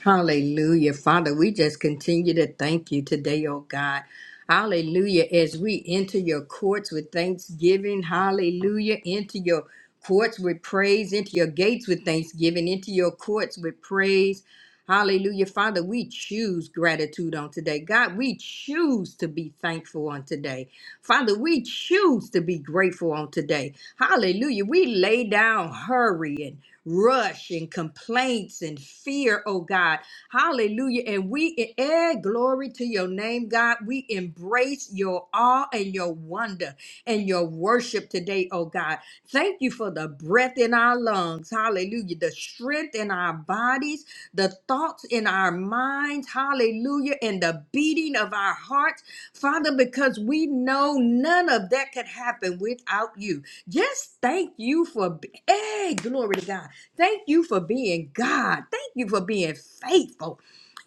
Speaker 4: Hallelujah. Father, we just continue to thank you today, oh God. Hallelujah. As we enter your courts with thanksgiving, hallelujah. Into your courts with praise, into your gates with thanksgiving, into your courts with praise. Hallelujah. Father, we choose gratitude on today. God, we choose to be thankful on today. Father, we choose to be grateful on today. Hallelujah. We lay down hurry rush and complaints and fear, oh God. Hallelujah. And we eh, eh, glory to your name, God. We embrace your awe and your wonder and your worship today, oh God. Thank you for the breath in our lungs. Hallelujah. The strength in our bodies, the thoughts in our minds. Hallelujah. And the beating of our hearts, Father, because we know none of that could happen without you. Just thank you for, hey, glory to God. Thank you for being God. Thank you for being faithful.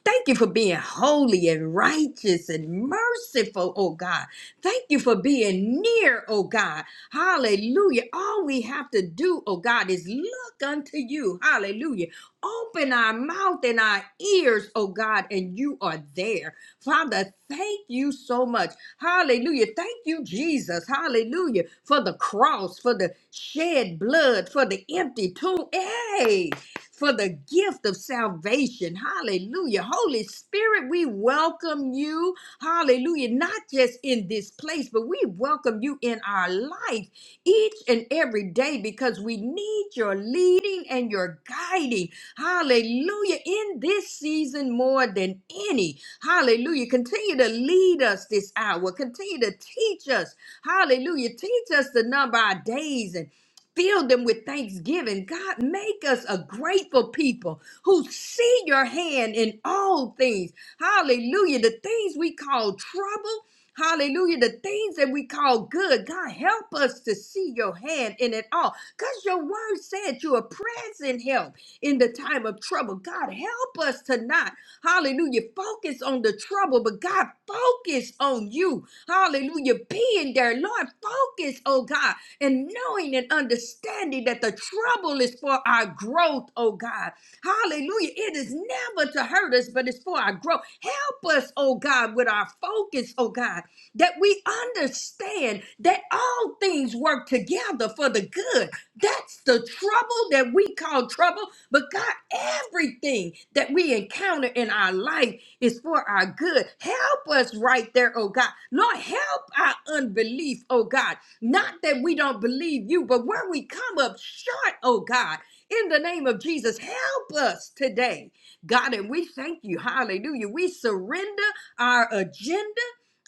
Speaker 4: Thank you for being holy and righteous and merciful, oh God. Thank you for being near, oh God. Hallelujah. All we have to do, oh God, is look unto you. Hallelujah. Open our mouth and our ears, oh God, and you are there. Father, thank you so much. Hallelujah. Thank you, Jesus. Hallelujah. For the cross, for the shed blood, for the empty tomb. Hey for the gift of salvation. Hallelujah. Holy Spirit, we welcome you. Hallelujah. Not just in this place, but we welcome you in our life each and every day because we need your leading and your guiding. Hallelujah. In this season more than any. Hallelujah. Continue to lead us this hour. Continue to teach us. Hallelujah. Teach us to number our days and Fill them with thanksgiving. God, make us a grateful people who see your hand in all things. Hallelujah. The things we call trouble. Hallelujah. The things that we call good. God, help us to see your hand in it all. Because your word said you are present help in the time of trouble. God, help us to not, hallelujah, focus on the trouble, but God, focus on you. Hallelujah. Being there, Lord, focus, oh God and knowing and understanding that the trouble is for our growth, oh God. Hallelujah. It is never to hurt us, but it's for our growth. Help us, oh God, with our focus, oh God, that we understand that all things work together for the good. That's the trouble that we call trouble. But God, everything that we encounter in our life is for our good. Help us right there, oh God. Lord, help our unbelief, oh God. Not that we don't believe you, but where we come up short, oh God, in the name of Jesus, help us today, God. And we thank you. Hallelujah. We surrender our agenda.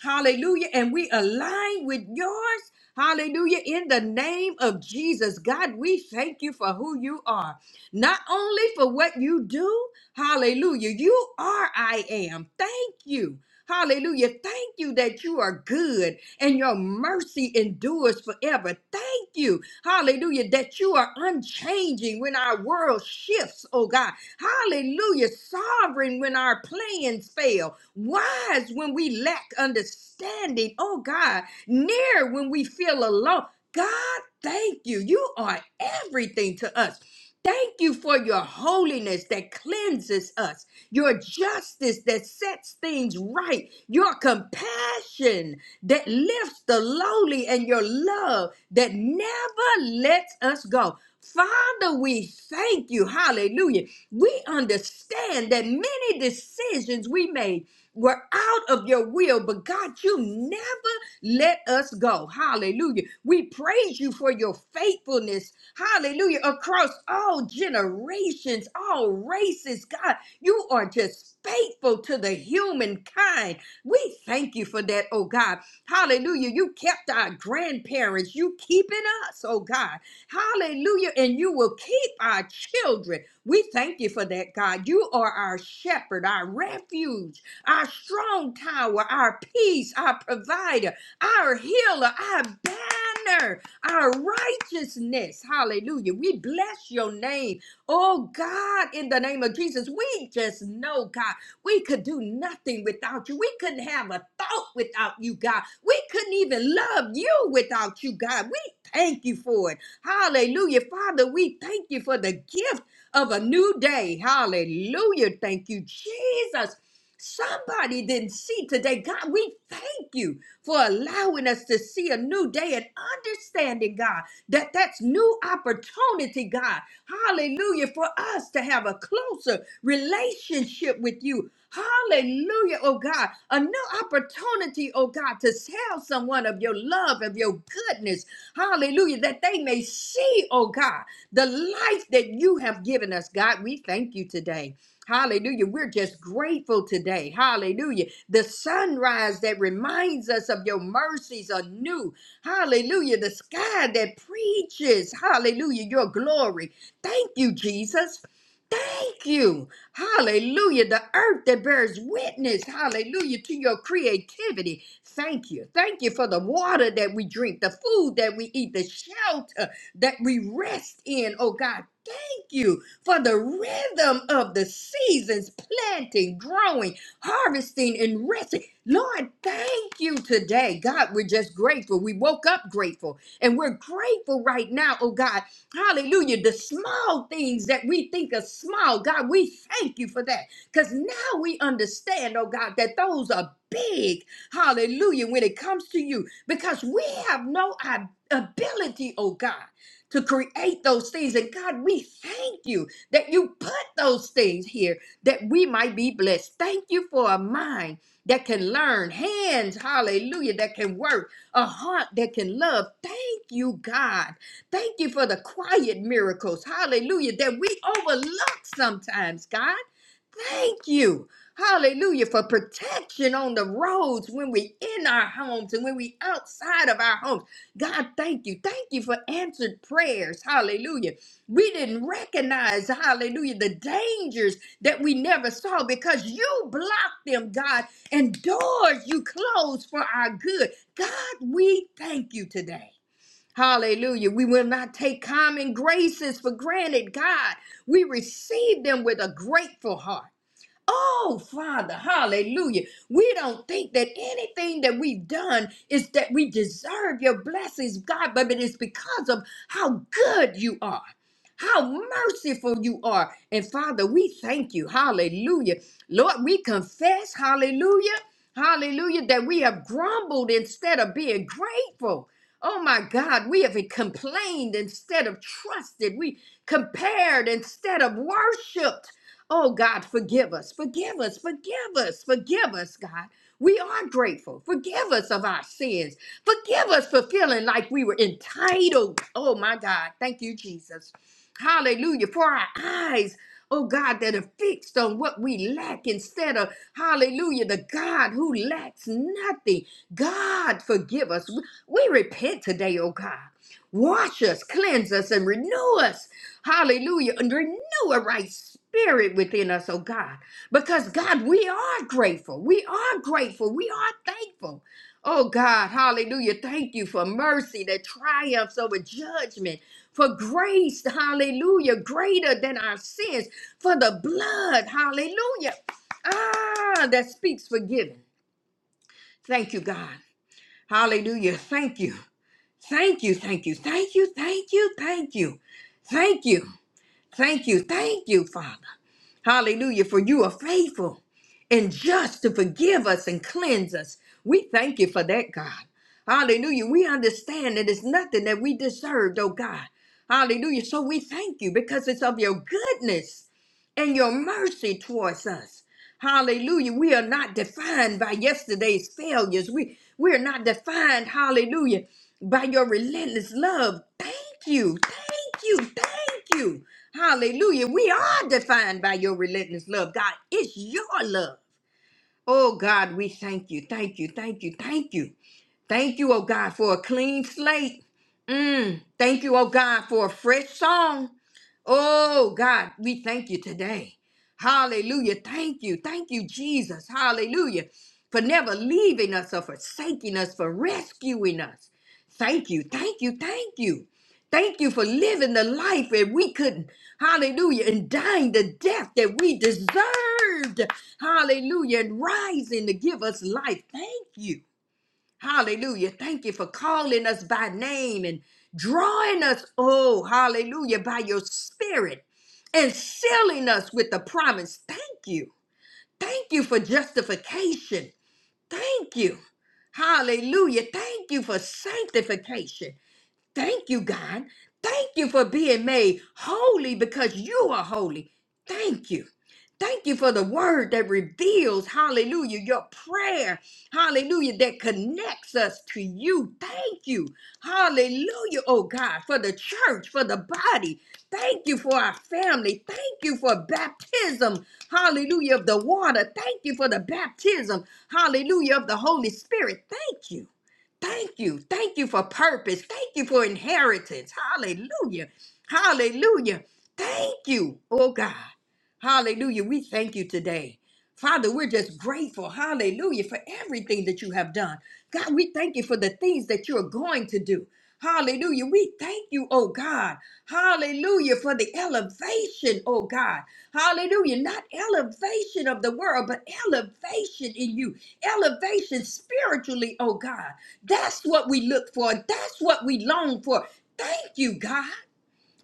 Speaker 4: Hallelujah. And we align with yours. Hallelujah. In the name of Jesus, God, we thank you for who you are. Not only for what you do, hallelujah, you are I am. Thank you. Hallelujah. Thank you that you are good and your mercy endures forever. Thank you, hallelujah, that you are unchanging when our world shifts, oh God. Hallelujah, sovereign when our plans fail, wise when we lack understanding, oh God, near when we feel alone. God, thank you. You are everything to us. Thank you for your holiness that cleanses us your justice that sets things right, your compassion that lifts the lowly, and your love that never lets us go. Father, we thank you. Hallelujah. We understand that many decisions we made were out of your will, but God, you never let us go. Hallelujah. We praise you for your faithfulness. Hallelujah. Across all generations, all races, God. You are just faithful to the humankind. We thank you for that, oh God. Hallelujah. You kept our grandparents. You keeping us, oh God. Hallelujah. And you will keep our children. We thank you for that, God. You are our shepherd, our refuge, our strong tower, our peace, our provider, our healer, our banner, our righteousness. Hallelujah. We bless your name. Oh God, in the name of Jesus, we just know, God, we could do nothing without you. We couldn't have a thought without you, God. We couldn't even love you without you, God. We thank you for it. Hallelujah. Father, we thank you for the gift of a new day. Hallelujah. Thank you, Jesus. Somebody didn't see today. God, we thank you for allowing us to see a new day and understanding, God that that's new opportunity, God. Hallelujah, for us to have a closer relationship with you. Hallelujah, oh God. A new opportunity, oh God, to tell someone of your love, of your goodness. Hallelujah, that they may see, oh God, the life that you have given us, God. We thank you today. Hallelujah. We're just grateful today. Hallelujah. The sunrise that reminds us of your mercies are new. Hallelujah. The sky that preaches, hallelujah, your glory. Thank you, Jesus. Thank you. Hallelujah. The earth that bears witness, hallelujah, to your creativity. Thank you. Thank you for the water that we drink, the food that we eat, the shelter that we rest in, oh God. Thank you for the rhythm of the seasons, planting, growing, harvesting, and resting. Lord, thank you today. God, we're just grateful. We woke up grateful and we're grateful right now, oh God. Hallelujah. The small things that we think are small, God, we thank you for that because now we understand, oh God, that those are big. Hallelujah. When it comes to you, because we have no ab- ability, oh God. To create those things. And God, we thank you that you put those things here that we might be blessed. Thank you for a mind that can learn, hands, hallelujah, that can work, a heart that can love. Thank you, God. Thank you for the quiet miracles, hallelujah, that we overlook sometimes, God. Thank you. Hallelujah for protection on the roads when we in our homes and when we outside of our homes. God, thank you. Thank you for answered prayers. Hallelujah. We didn't recognize, hallelujah, the dangers that we never saw because you blocked them, God, and doors you closed for our good. God, we thank you today. Hallelujah. We will not take common graces for granted, God. We receive them with a grateful heart. Oh, Father, hallelujah. We don't think that anything that we've done is that we deserve your blessings, God, but it is because of how good you are, how merciful you are. And Father, we thank you. Hallelujah. Lord, we confess, hallelujah, hallelujah, that we have grumbled instead of being grateful. Oh my God, we have complained instead of trusted. We compared instead of worshiped. Oh God, forgive us, forgive us, forgive us, forgive us, God. We are grateful. Forgive us of our sins. Forgive us for feeling like we were entitled. Oh my God. Thank you, Jesus. Hallelujah. For our eyes, oh God, that are fixed on what we lack instead of, hallelujah, the God who lacks nothing. God, forgive us. We we repent today, oh God. Wash us, cleanse us, and renew us. Hallelujah. And renew renew a right spirit within us, oh God. Because God, we are grateful. We are grateful. We are thankful. Oh God, hallelujah. Thank you for mercy that triumphs over judgment, for grace, hallelujah, greater than our sins, for the blood, hallelujah. Ah, that speaks forgiving. Thank you, God. Hallelujah. Thank you. Thank you. Thank you. Thank you. Thank you. Thank you. Thank you. Thank you. Thank you, Father. Hallelujah. For you are faithful and just to forgive us and cleanse us. We thank you for that, God. Hallelujah. We understand that it's nothing that we deserved, oh God. Hallelujah. So we thank you because it's of your goodness and your mercy towards us. Hallelujah. We are not defined by yesterday's failures. We we are not defined, hallelujah, by your relentless love. Thank you. Thank you. Thank you. Hallelujah. We are defined by your relentless love. God, it's your love. Oh God, we thank you. Thank you. Thank you. Thank you. Thank you, oh God, for a clean slate. Mm. Thank you, oh God, for a fresh song. Oh God, we thank you today. Hallelujah. Thank you. Thank you, Jesus. Hallelujah. For never leaving us or forsaking us, for rescuing us. Thank you. Thank you. Thank you. Thank you for living the life that we couldn't. Hallelujah. And dying the death that we deserved. Hallelujah. And rising to give us life. Thank you. Hallelujah. Thank you for calling us by name and drawing us, oh, hallelujah, by your spirit and sealing us with the promise. Thank you. Thank you for justification. Thank you. Hallelujah. Thank you for sanctification. Thank you, God. Thank you for being made holy because you are holy. Thank you. Thank you for the word that reveals, hallelujah, your prayer, hallelujah, that connects us to you. Thank you, hallelujah, oh God, for the church, for the body. Thank you for our family. Thank you for baptism, hallelujah, of the water. Thank you for the baptism, hallelujah, of the Holy Spirit. Thank you. Thank you. Thank you for purpose. Thank you for inheritance. Hallelujah. Hallelujah. Thank you, oh God. Hallelujah. We thank you today. Father, we're just grateful, hallelujah, for everything that you have done. God, we thank you for the things that you're going to do. Hallelujah. We thank you, oh God. Hallelujah, for the elevation, oh God. Hallelujah. Not elevation of the world, but elevation in you. Elevation spiritually, oh God. That's what we look for. That's what we long for. Thank you, God.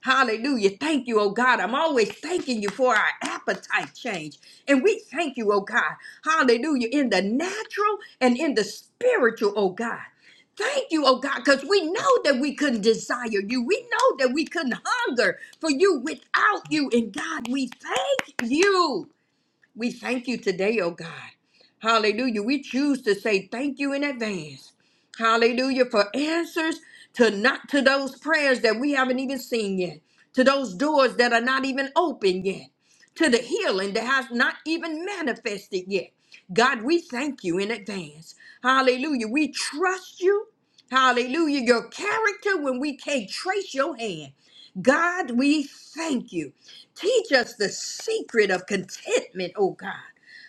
Speaker 4: Hallelujah. Thank you, oh God. I'm always thanking you for our appetite change. And we thank you, oh God. Hallelujah. In the natural and in the spiritual, oh God. Thank you, oh God, because we know that we couldn't desire you. We know that we couldn't hunger for you without you. And God, we thank you. We thank you today, oh God. Hallelujah. We choose to say thank you in advance. Hallelujah for answers to not to those prayers that we haven't even seen yet, to those doors that are not even open yet, to the healing that has not even manifested yet. God, we thank you in advance. Hallelujah. We trust you. Hallelujah. Your character when we can't trace your hand. God, we thank you. Teach us the secret of contentment, oh God.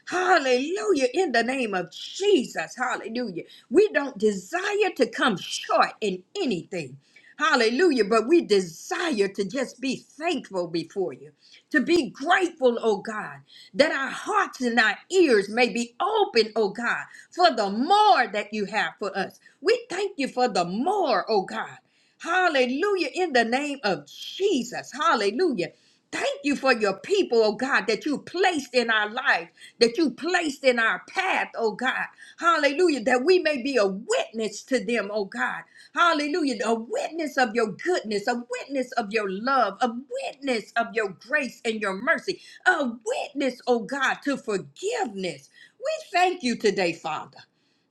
Speaker 4: Hallelujah. In the name of Jesus. Hallelujah. We don't desire to come short in anything. Hallelujah. But we desire to just be thankful before you, to be grateful, oh God, that our hearts and our ears may be open, oh God, for the more that you have for us. We thank you for the more, oh God. Hallelujah. In the name of Jesus. Hallelujah. Thank you for your people, oh God, that you placed in our life, that you placed in our path, oh God. Hallelujah. That we may be a witness to them, oh God. Hallelujah. A witness of your goodness, a witness of your love, a witness of your grace and your mercy, a witness, oh God, to forgiveness. We thank you today, Father.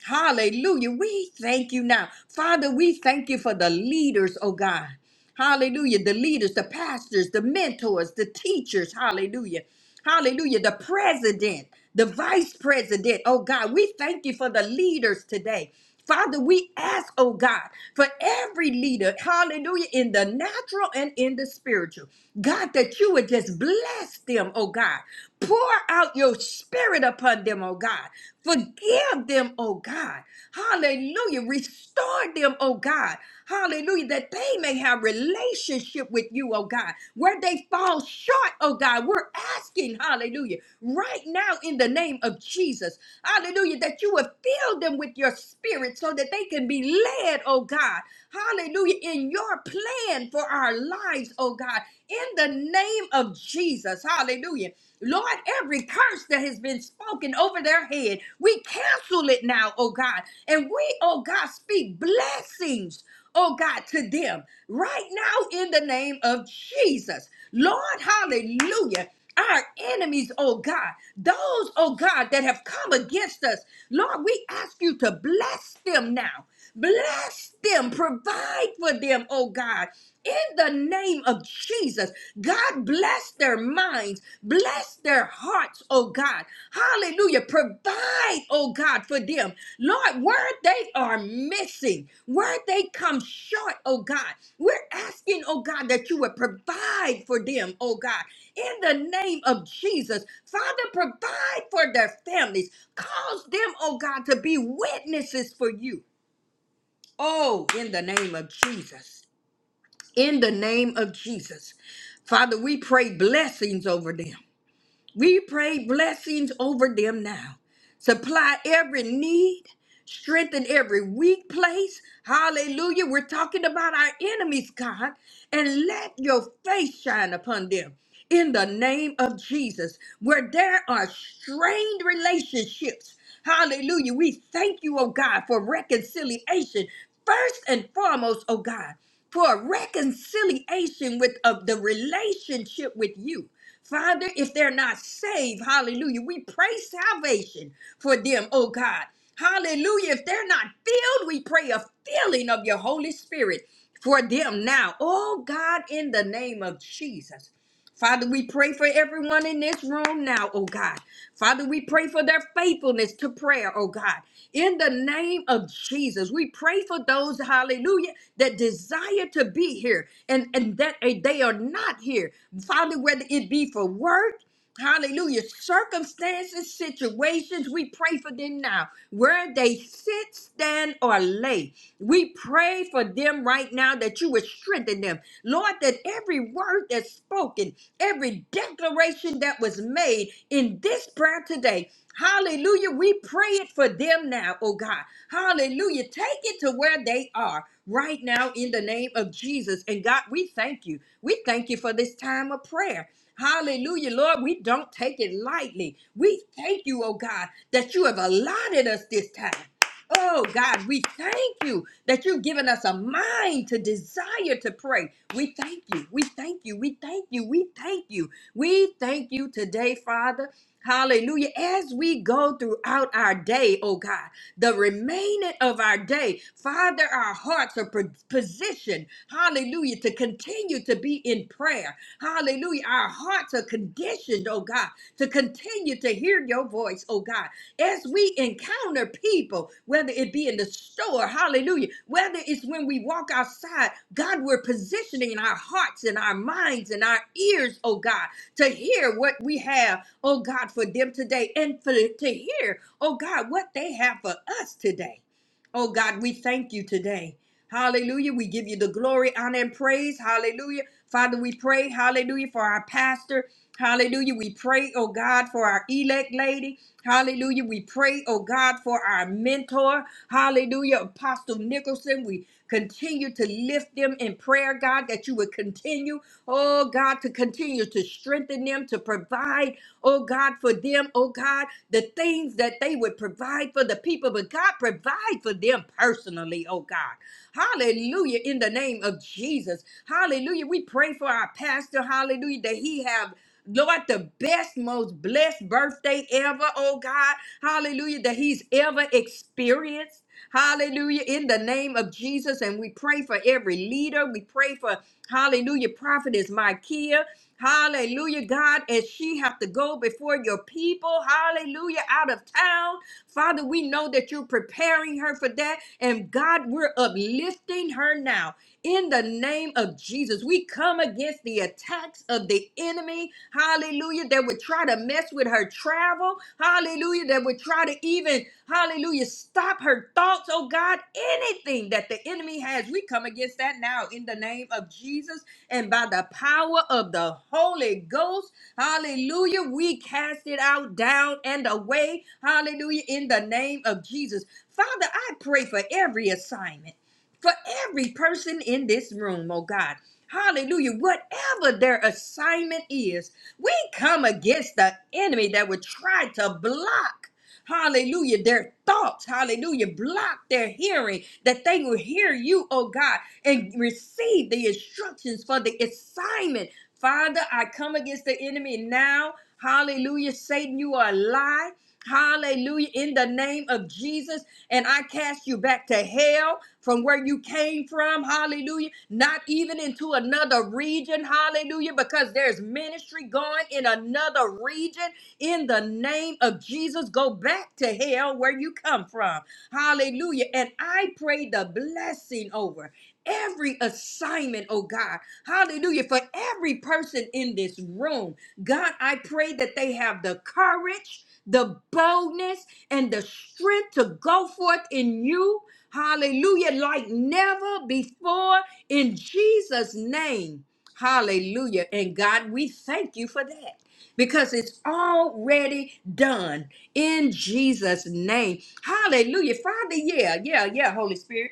Speaker 4: Hallelujah. We thank you now. Father, we thank you for the leaders, oh God. Hallelujah. The leaders, the pastors, the mentors, the teachers. Hallelujah. Hallelujah. The president, the vice president, oh God. We thank you for the leaders today. Father, we ask, oh God, for every leader, hallelujah, in the natural and in the spiritual. God, that you would just bless them, oh God. Pour out your spirit upon them, oh God. Forgive them, oh God. Hallelujah. Restore them, oh God. Hallelujah. That they may have relationship with you, oh God. Where they fall short, oh God. We're asking, hallelujah, right now in the name of Jesus. Hallelujah. That you would fill them with your spirit so that they can be led, oh God. Hallelujah. In your plan for our lives, oh God. In the name of Jesus. Hallelujah. Lord, every curse that has been spoken over their head, we cancel it now, oh God. And we, oh God, speak blessings, oh God, to them right now in the name of Jesus. Lord, hallelujah. Our enemies, oh God, those, oh God, that have come against us, Lord, we ask you to bless them now. Bless them. Provide for them, oh God. In the name of Jesus, God bless their minds, bless their hearts, oh God. Hallelujah. Provide, oh God, for them. Lord, where they are missing, where they come short, oh God. We're asking, oh God, that you would provide for them, oh God. In the name of Jesus, Father, provide for their families. Cause them, oh God, to be witnesses for you. Oh, in the name of Jesus. In the name of Jesus. Father, we pray blessings over them. We pray blessings over them now. Supply every need, strengthen every weak place. Hallelujah. We're talking about our enemies, God, and let your face shine upon them. In the name of Jesus, where there are strained relationships, hallelujah. We thank you, oh God, for reconciliation. First and foremost, oh God, for reconciliation with of the relationship with you. Father, if they're not saved, hallelujah, we pray salvation for them, oh God. Hallelujah. If they're not filled, we pray a filling of your Holy Spirit for them now. Oh God, in the name of Jesus. Father, we pray for everyone in this room now, oh God. Father, we pray for their faithfulness to prayer, oh God. In the name of Jesus, we pray for those, hallelujah, that desire to be here and, and that eh, they are not here. Father, whether it be for work, Hallelujah. Circumstances, situations, we pray for them now. Where they sit, stand, or lay, we pray for them right now that you would strengthen them. Lord, that every word that's spoken, every declaration that was made in this prayer today, hallelujah, we pray it for them now, oh God. Hallelujah. Take it to where they are right now in the name of Jesus. And God, we thank you. We thank you for this time of prayer. Hallelujah, Lord. We don't take it lightly. We thank you, oh God, that you have allotted us this time. Oh God, we thank you that you've given us a mind to desire to pray. We thank you. We thank you. We thank you. We thank you. We thank you today, Father. Hallelujah. As we go throughout our day, oh God, the remaining of our day, Father, our hearts are pro- positioned, hallelujah, to continue to be in prayer. Hallelujah. Our hearts are conditioned, oh God, to continue to hear your voice, oh God. As we encounter people, whether it be in the store, hallelujah, whether it's when we walk outside, God, we're positioning our hearts and our minds and our ears, oh God, to hear what we have, oh God, for them today and for to hear, oh God, what they have for us today. Oh God, we thank you today. Hallelujah. We give you the glory, honor, and praise. Hallelujah. Father, we pray, hallelujah, for our pastor. Hallelujah. We pray, oh God, for our elect lady. Hallelujah. We pray, oh God, for our mentor. Hallelujah. Apostle Nicholson. We continue to lift them in prayer, God, that you would continue, oh God, to continue to strengthen them, to provide, oh God, for them, oh God, the things that they would provide for the people. But God, provide for them personally, oh God. Hallelujah. In the name of Jesus. Hallelujah. We pray for our pastor. Hallelujah. That he have Lord, the best, most blessed birthday ever, oh God. Hallelujah, that he's ever experienced. Hallelujah, in the name of Jesus. And we pray for every leader. We pray for, hallelujah, prophetess Micaiah. Hallelujah, God, as she have to go before your people. Hallelujah, out of town. Father, we know that you're preparing her for that. And God, we're uplifting her now in the name of Jesus. We come against the attacks of the enemy, hallelujah, that would try to mess with her travel, hallelujah, that would try to even, hallelujah, stop her thoughts, oh God, anything that the enemy has. We come against that now in the name of Jesus and by the power of the Holy Ghost. Hallelujah. We cast it out, down, and away. Hallelujah. In the name of Jesus. Father, I pray for every assignment, for every person in this room, oh God. Hallelujah. Whatever their assignment is, we come against the enemy that would try to block hallelujah, their thoughts, hallelujah, block their hearing, that they will hear you, oh God, and receive the instructions for the assignment Father, I come against the enemy now. Hallelujah. Satan, you are a lie. Hallelujah. In the name of Jesus. And I cast you back to hell from where you came from. Hallelujah. Not even into another region. Hallelujah. Because there's ministry going in another region. In the name of Jesus, go back to hell where you come from. Hallelujah. And I pray the blessing over every assignment, oh God. Hallelujah. For every person in this room, God, I pray that they have the courage, the boldness, and the strength to go forth in you. Hallelujah. Like never before in Jesus' name. Hallelujah. And God, we thank you for that because it's already done in Jesus' name. Hallelujah. Father, yeah, yeah, yeah, Holy Spirit.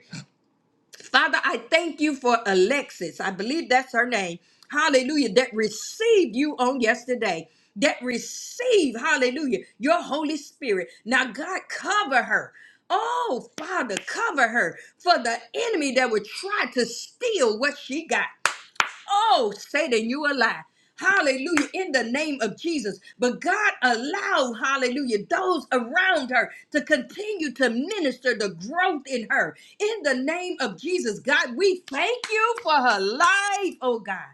Speaker 4: Father, I thank you for Alexis. I believe that's her name. Hallelujah. That received you on yesterday. That received, hallelujah, your Holy Spirit. Now, God, cover her. Oh, Father, cover her for the enemy that would try to steal what she got. Oh, Satan, you a lie. Hallelujah, in the name of Jesus. But God allowed, hallelujah, those around her to continue to minister the growth in her. In the name of Jesus, God, we thank you for her life, oh God.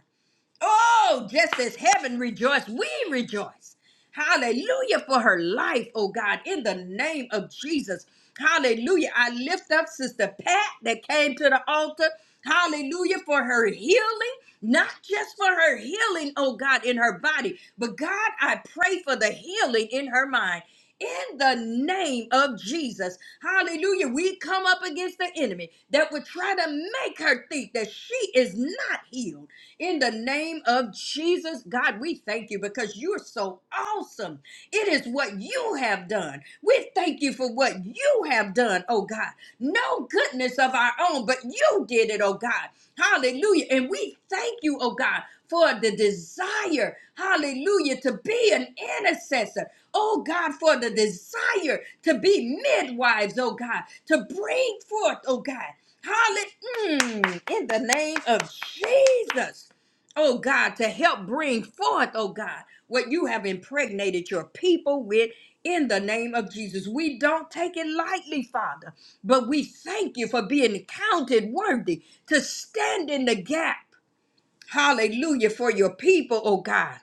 Speaker 4: Oh, just as heaven rejoiced, we rejoice. Hallelujah for her life, oh God, in the name of Jesus. Hallelujah. I lift up Sister Pat that came to the altar. Hallelujah for her healing, not just for her healing, oh God, in her body, but God, I pray for the healing in her mind. In the name of Jesus. Hallelujah. We come up against the enemy that would try to make her think that she is not healed in the name of Jesus, God, we thank you because you're so awesome. It is what you have done. We thank you for what you have done, oh God. No goodness of our own, but you did it, oh God. Hallelujah. And we thank you, oh God, for the desire, hallelujah, to be an intercessor. Oh God, for the desire to be midwives, oh God, to bring forth, oh God. Hallelujah. In the name of Jesus oh God, to help bring forth, oh God, what you have impregnated your people with in the name of Jesus. We don't take it lightly, Father, but we thank you for being counted worthy to stand in the gap. Hallelujah for your people, oh God.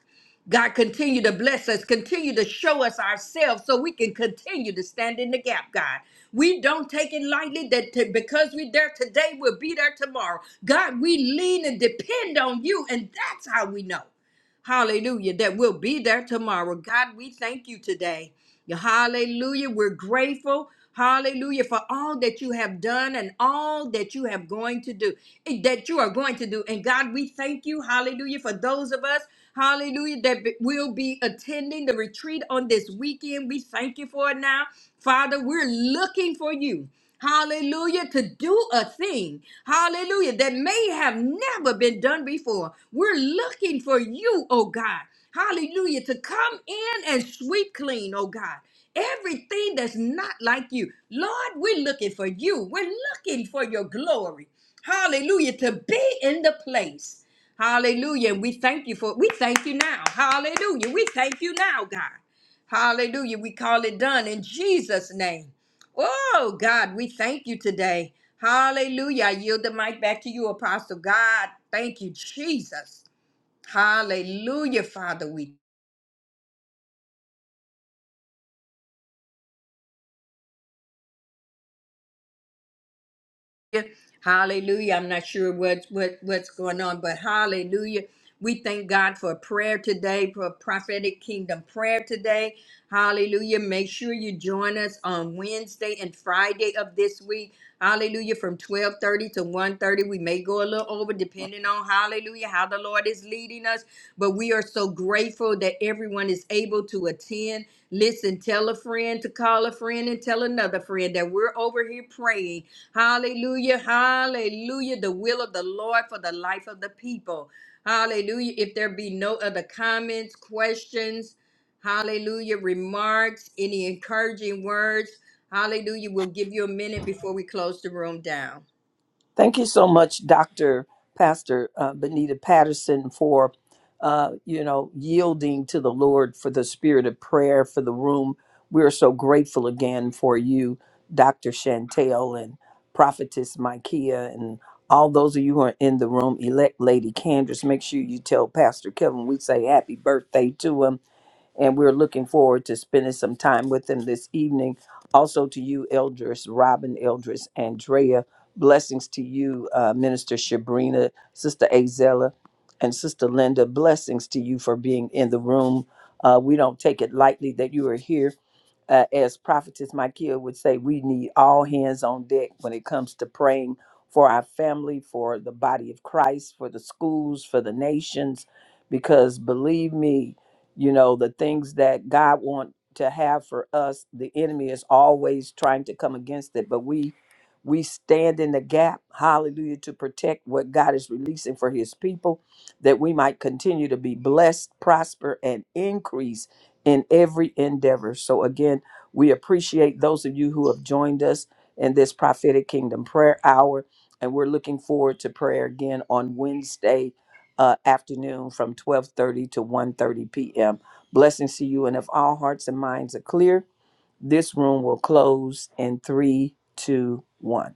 Speaker 4: God, continue to bless us, continue to show us ourselves so we can continue to stand in the gap, God. We don't take it lightly that t- because we're there today, we'll be there tomorrow. God, we lean and depend on you, and that's how we know. Hallelujah. That will be there tomorrow. God, we thank you today. Yeah, Hallelujah. We're grateful. Hallelujah for all that you have done and all that you have going to do, eh, that you are going to do. And God, we thank you. Hallelujah for those of us. Hallelujah that be- will be attending the retreat on this weekend. We thank you for it now. Father, we're looking for you. Hallelujah, to do a thing, hallelujah, that may have never been done before. We're looking for you, oh God, hallelujah, to come in and sweep clean, oh God, everything that's not like you. Lord, we're looking for you. We're looking for your glory, hallelujah, to be in the place. Hallelujah. And we thank you for we thank you now. Hallelujah. We thank you now, God. Hallelujah. We call it done in Jesus' name. Oh, God, we thank you today. Hallelujah. I yield the mic back to you, Apostle God. Thank you, Jesus. Hallelujah, Father. We hallelujah. I'm not sure what, what what's going on, but hallelujah. We thank God for prayer today, for prophetic kingdom prayer today. Hallelujah. Make sure you join us on Wednesday and Friday of this week. Hallelujah. From 1230 to 1.30. We may go a little little over, depending on hallelujah, how the Lord is leading us. But we are so grateful that everyone is able to attend. Listen, tell a friend to call a friend and tell another friend that we're over here praying. Hallelujah, hallelujah, the will of the Lord for the life of the people. Hallelujah. If there be no other comments, questions, hallelujah, remarks, any encouraging words, hallelujah, we'll give you a minute before we close the room down.
Speaker 3: Thank you so much, Dr. Pastor uh, Benita Patterson, for uh, you know yielding to the Lord for the spirit of prayer for the room. We are so grateful again for you, Dr. Chantel and Prophetess Micaiah, and all those of you who are in the room. Elect Lady Candace, make sure you tell Pastor Kevin we say happy birthday to him and we're looking forward to spending some time with them this evening. Also to you, Eldris, Robin, Eldris, Andrea. Blessings to you, uh, Minister Shabrina, Sister Azella, and Sister Linda. Blessings to you for being in the room. Uh, we don't take it lightly that you are here uh, as prophetess Micaiah would say, we need all hands on deck when it comes to praying for our family, for the body of Christ, for the schools, for the nations, because believe me, you know the things that God wants to have for us, the enemy is always trying to come against it, but we we stand in the gap, hallelujah, to protect what God is releasing for his people, that we might continue to be blessed, prosper, and increase in every endeavor. So, again, we appreciate those of you who have joined us in this prophetic kingdom prayer hour. And we're looking forward to prayer again on Wednesday uh, afternoon from 1230 to one thirty p.m. Blessings to you. And if all hearts and minds are clear, this room will close in three, two, one.